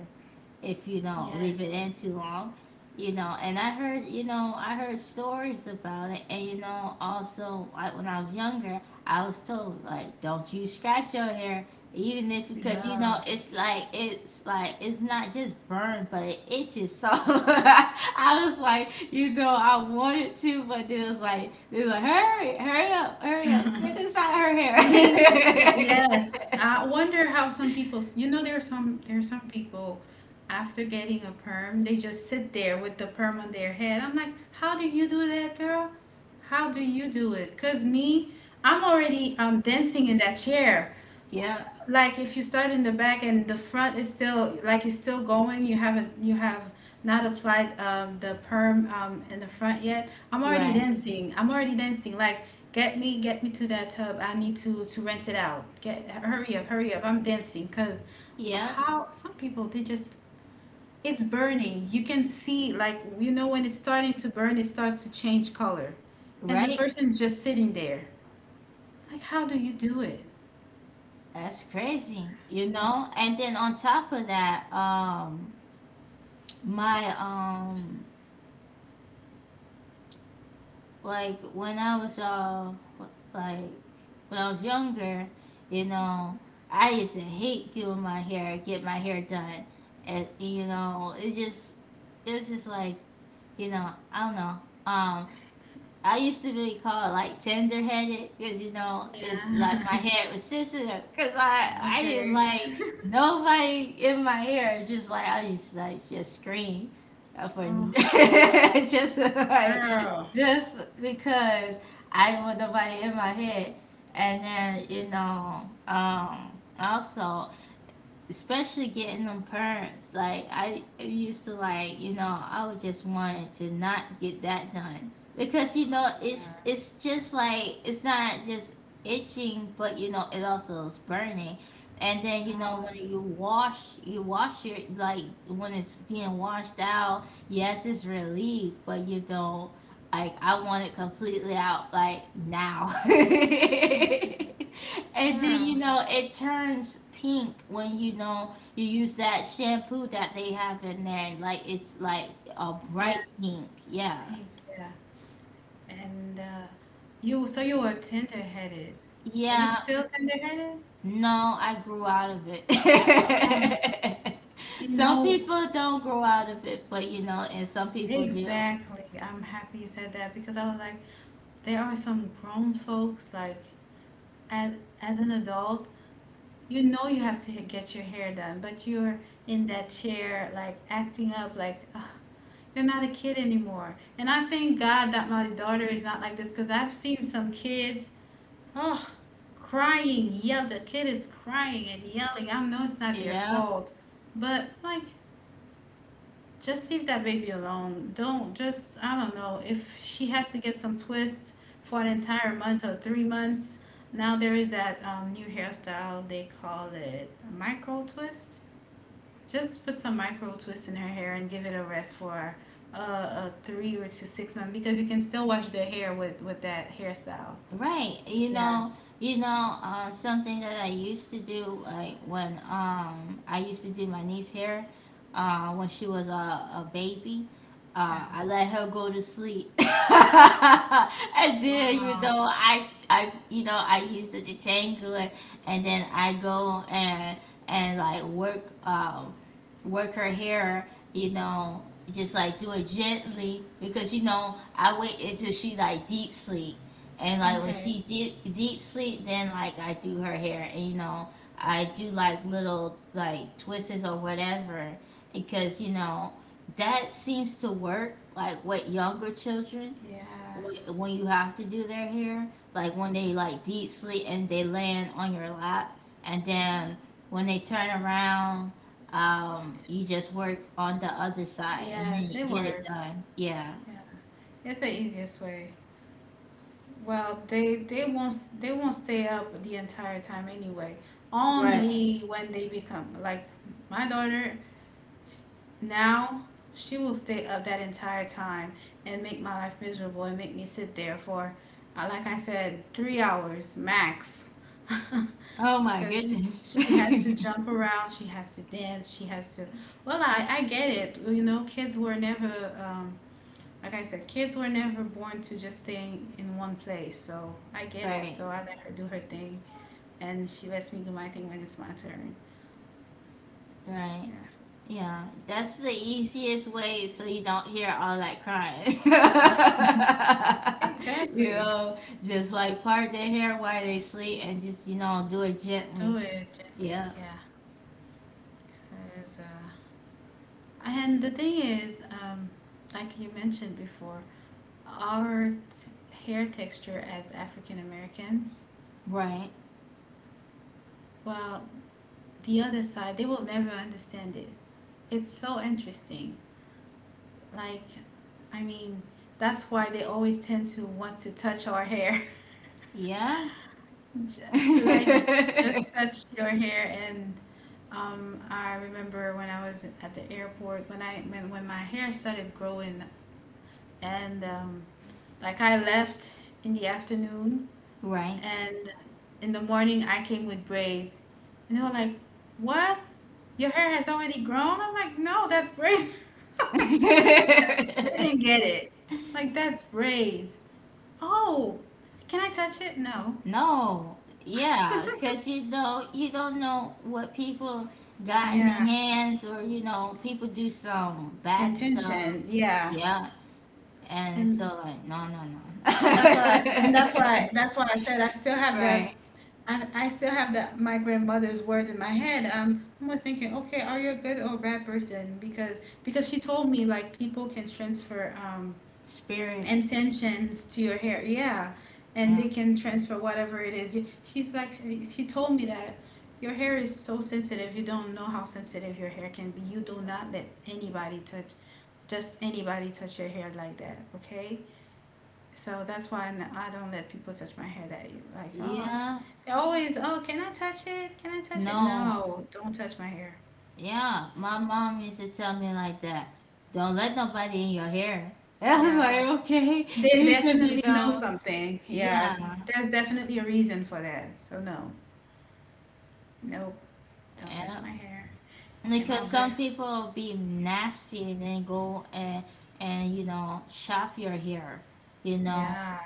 A: if you don't leave it
B: Yes.
A: in too long. And I heard stories about it, and also, like when I was younger, I was told, like, don't you scratch your hair, even if, because
B: Yeah.
A: it's like it's not just burned, but it itches, so I was like, I wanted to, but then it was like, hurry up, hurry up, get this out of her
B: Me too.
A: hair.
B: Yes. I wonder how some people, you know, there are some people after getting a perm, they just sit there with the perm on their head. I'm like, "How do you do that, girl? How do you do it? Cause me, I'm already dancing in that chair
A: Yeah,
B: like if you start in the back and the front is still like it's still going, you haven't, you have not applied, the perm, in the front yet. I'm already
A: right,
B: dancing, I'm already dancing, like get me, get me to that tub. I need to rinse it out. Get, hurry up, hurry up, I'm dancing because
A: yeah,
B: how some people they just, it's burning. You can see like, you know, when it's starting to burn, it starts to change color and the
A: right.
B: person's just sitting there like, how do you do it?
A: That's crazy, you know? And then on top of that, my, um, like when I was, uh, like when I was younger, you know, I used to hate doing my hair, get my hair done. And, it just, it's just like, I don't know. um, I used to be called, like, tender headed, because it's like my
B: Yeah.
A: head was sensitive, because I I didn't
B: Okay.
A: like nobody in my hair. Just like I used to, like, just scream, for,
B: Oh.
A: just like,
B: Girl.
A: just because I didn't want nobody in my head. And then also, especially getting them perms. Like, I used to, like, I would just want to not get that done, because
B: Oh my God.
A: it's just like, it's not just itching, but it also is burning. And then
B: Um,
A: when you wash your like when it's being washed out. Yes, it's relief, but like, I want it completely out like now.
B: oh
A: And
B: my
A: then
B: God, girl,
A: it turns pink when you use that shampoo that they have in there, and like it's like a
B: yes,
A: bright pink. Yeah.
B: pink, yeah. And you, so you were tender-headed. Are you
A: Yeah.
B: still tender-headed?
A: No, I grew out of it.
B: Oh, you
A: Some
B: know,
A: people don't grow out of it, but and some people do.
B: exactly. I'm happy you said that because I was like, there are some grown folks like, as as an adult, you know you have to get your hair done, but you're in that chair like acting up like, ugh, you're not a kid anymore. And I thank God that my daughter is not like this because I've seen some kids, oh, crying, yell. The kid is crying and yelling. I know it's not their
A: Yeah.
B: fault, but like just leave that baby alone. Don't just, I don't know if she has to get some twist for an entire month or 3 months. Now there is that new hairstyle, they call it micro twist. Just put some micro twist in her hair and give it a rest for a three or to 6 months because you can still wash the hair with that hairstyle.
A: Right. You
B: Yeah.
A: know, you know, uh, something that I used to do, like when I used to do my niece hair, when she was a baby,
B: Yeah.
A: I let her go to sleep, and then you
B: Wow.
A: know I you know I used to detangle it, and then I go and like work her hair, just like do it gently, because I wait until she like deep sleep, and like when
B: Okay.
A: she deep sleep, then like I do her hair. And I do like little like twists or whatever, because that seems to work like with younger children,
B: Yeah.
A: when you have to do their hair, like when they like deep sleep and they land on your lap, and then when they turn around, you just work on the other side and then
B: Yes,
A: you
B: it
A: get it
B: works.
A: done. Yeah.
B: Yeah. It's the easiest way. Well, they won't, they won't stay up the entire time anyway.
A: Right.
B: Only when they become like my daughter now, she will stay up that entire time and make my life miserable and make me sit there for, like I said, 3 hours max.
A: Oh my
B: Cuz
A: goodness.
B: she has to jump around, she has to dance, she has to. Well, I get it. You know, kids were never, like I said, kids were never born to just stay in one place. So I get it.
A: Right.
B: So I let her do her thing, and she lets me do my thing when it's my turn.
A: Right.
B: Yeah,
A: Yeah. That's the easiest way, so you don't hear all that crying. you
B: exactly.
A: know, just like part their hair while they sleep, and just, do it
B: Do
A: gently.
B: it gently.
A: Yeah.
B: Yeah, that is. And the thing is, like you mentioned before, our hair texture as African Americans,
A: Right.
B: well, the other side they will never understand it. It's so interesting. Like, I mean, that's why they always tend to want to touch our hair.
A: Yeah.
B: J- Like, just touch your hair. And I remember when I was at the airport, when I when my hair started growing, and like I left in the afternoon
A: Right.
B: and in the morning I came with braids. And they were like, "What? Your hair has already grown?" I'm like, "No, that's braids." They didn't get it. Like, that's braids. Oh, can I touch it? No.
A: No. Yeah. 'Cause you don't know what people got in
B: Yeah,
A: their hands, or people do some bad stuff.
B: intention. Yeah.
A: Yeah. And so
B: And
A: like, no, no,
B: and
A: no.
B: that's why and that's why that's why I said I still have that.
A: Right.
B: I still have the my grandmother's words in my head. I'm always thinking, okay, are you a good or bad person? Because she told me like people can transfer,
A: Spirits.
B: intentions to your hair, yeah, and
A: Yeah.
B: they can transfer whatever it is. She's like, she told me that your hair is so sensitive. You don't know how sensitive your hair can be. You do not let anybody touch, just anybody touch your hair like that, okay? So that's why I don't let people touch my hair that easy. Like, oh, okay.
A: Yeah.
B: They always, oh, can I touch it? Can I touch it?
A: No.
B: No, don't touch my hair.
A: Yeah, my mom used to tell me like that. Don't let nobody in your hair. I was like,
B: Yeah,
A: okay,
B: they
A: because
B: definitely know something. Yeah,
A: yeah,
B: there's definitely a reason for that. So no, nope, don't touch
A: yeah.
B: my hair. And my
A: Because
B: girl,
A: some people be nasty and then go and shop your hair, you know,
B: yeah,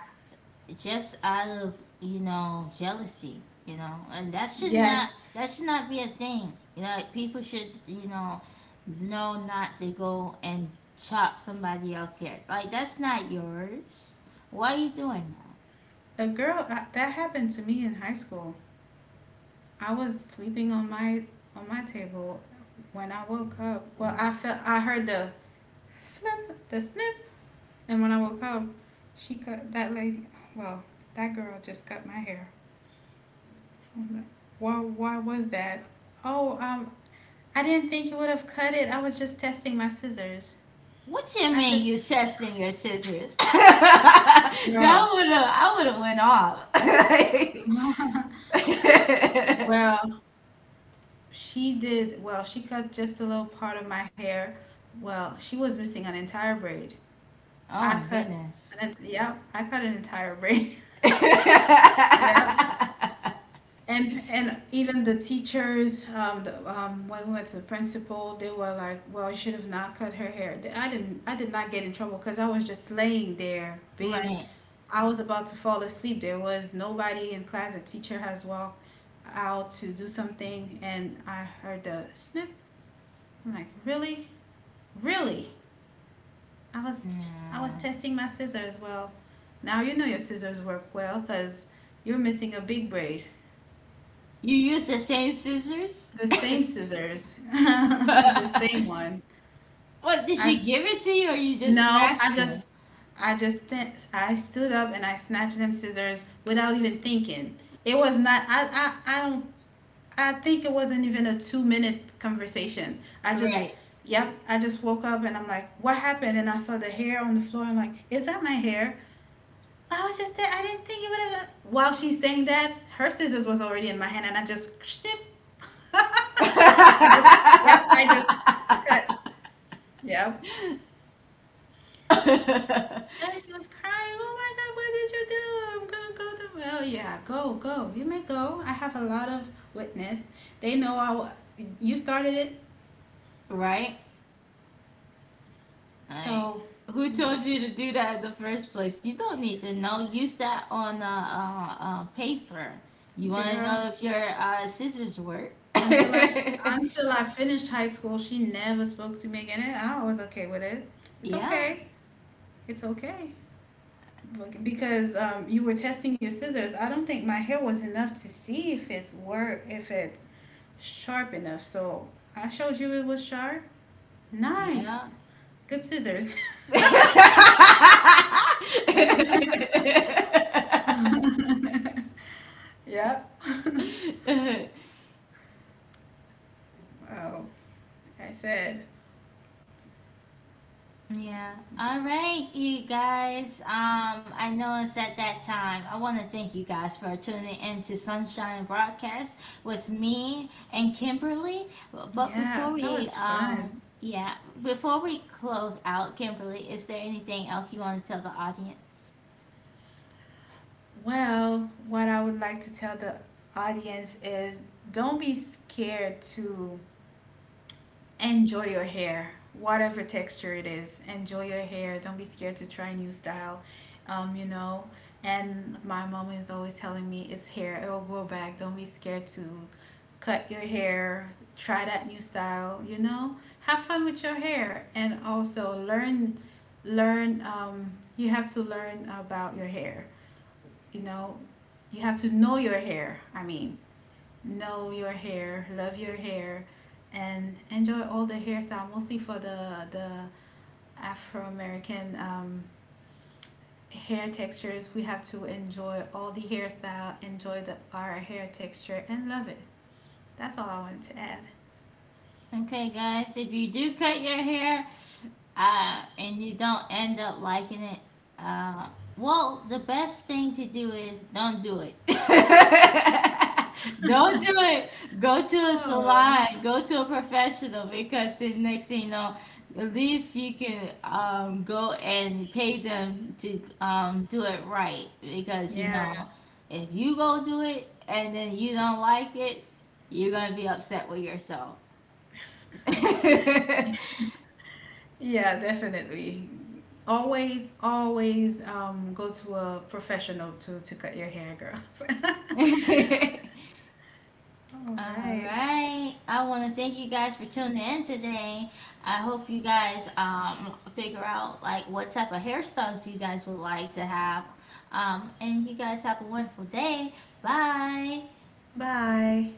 A: just out of jealousy, and that should not
B: yes,
A: that should not be a thing, like, people should know not to go and chop somebody else here, like, that's not yours, why are you doing that?
B: a girl that happened to me in high school. I was sleeping on my table when I woke up. Well, I felt, I heard the flip, the snip. And when I woke up, she cut that lady. Well, that girl just cut my hair. I was like, "Why? Why was that?" Oh, I didn't think you would have cut it. I was just testing my scissors.
A: What you
B: I
A: mean
B: just,
A: you testing your scissors?
B: girl.
A: that would have I would have went off. Like,
B: Well, she did. Well, she cut just a little part of my hair. Well, she was missing an entire braid.
A: oh
B: I
A: my
B: cut. An,
A: goodness.
B: ent- Yep, I cut an entire braid. Yep. And even the teachers, when we went to the principal, they were like, "Well, you should have not cut her hair." I didn't. I did not get in trouble because I was just laying there, being,
A: Right.
B: I was about to fall asleep. There was nobody in class. The teacher has walked out to do something, and I heard the snip. I'm like, "Really, really?" I was I was
A: Nah.
B: testing my scissors. Well, now you know your scissors work well because you're missing a big braid.
A: You use the same scissors?
B: The same scissors, the same one.
A: What, did
B: I
A: she give it to you or you just
B: no, I
A: snatched them?
B: just, I stood up and I snatched them scissors without even thinking. It was not. I don't. I think it wasn't even a 2 minute conversation.
A: Right.
B: Yep. I just woke up and I'm like, what happened? And I saw the hair on the floor. I'm like, is that my hair? I was just there. I didn't think it would have. While she's saying that, her scissors was already in my hand, and I just snip. I just, yep, I just cut. Yep. And she was crying. Oh my God, what did you do? I'm gonna go to, well. Yeah, go, go. You may go. I have a lot of witness. They know I. You started it,
A: Right? Like,
B: so
A: who told you to do that in the first place? You don't need to know. Use that on paper. You want to
B: girl.
A: know if your scissors work?
B: Until I. until I finished high school, she never spoke to me again, and I was okay with it. It's
A: Yeah,
B: okay. It's okay. Like, because, you were testing your scissors, I don't think my hair was enough to see if it's work, if it's sharp enough. So I showed you it was sharp. Nice,
A: yeah.
B: good scissors.
A: Yeah.
B: Yep. Oh, I said,
A: All right, you guys. I know it's at that time. I want to thank you guys for tuning in to Sunshine Broadcast with me and Kimberly. But
B: yeah,
A: before
B: that was
A: we,
B: fun.
A: um, yeah, before we close out, Kimberly, is there anything else you want to tell the audience?
B: Well, what I would like to tell the audience is, don't be scared to enjoy your hair, whatever texture it is. Enjoy your hair. Don't be scared to try new style. You know, and my mom is always telling me, it's hair. It will grow back. Don't be scared to cut your hair. Try that new style. You know, have fun with your hair and also learn. Learn. You have to learn about your hair. You know, you have to know your hair. I mean, know your hair, love your hair, and enjoy all the hairstyle, mostly for the Afro-American hair textures. We have to enjoy all the hairstyle, enjoy the our hair texture, and love it. That's all I wanted to add.
A: Okay, guys, if you do cut your hair, and you don't end up liking it, uh, well, the best thing to do is don't do it. Don't do it. Go to a
B: Oh,
A: salon, go to a professional, because the next thing you know, at least you can, go and pay them to, do it right, because
B: yeah,
A: if you go do it and then you don't like it, you're gonna be upset with yourself.
B: yeah, definitely. Always, always, go to a professional to cut your hair, girls. All
A: All
B: right.
A: right. I want to thank you guys for tuning in today. I hope you guys figure out like what type of hairstyles you guys would like to have. And you guys have a wonderful day. Bye.
B: Bye.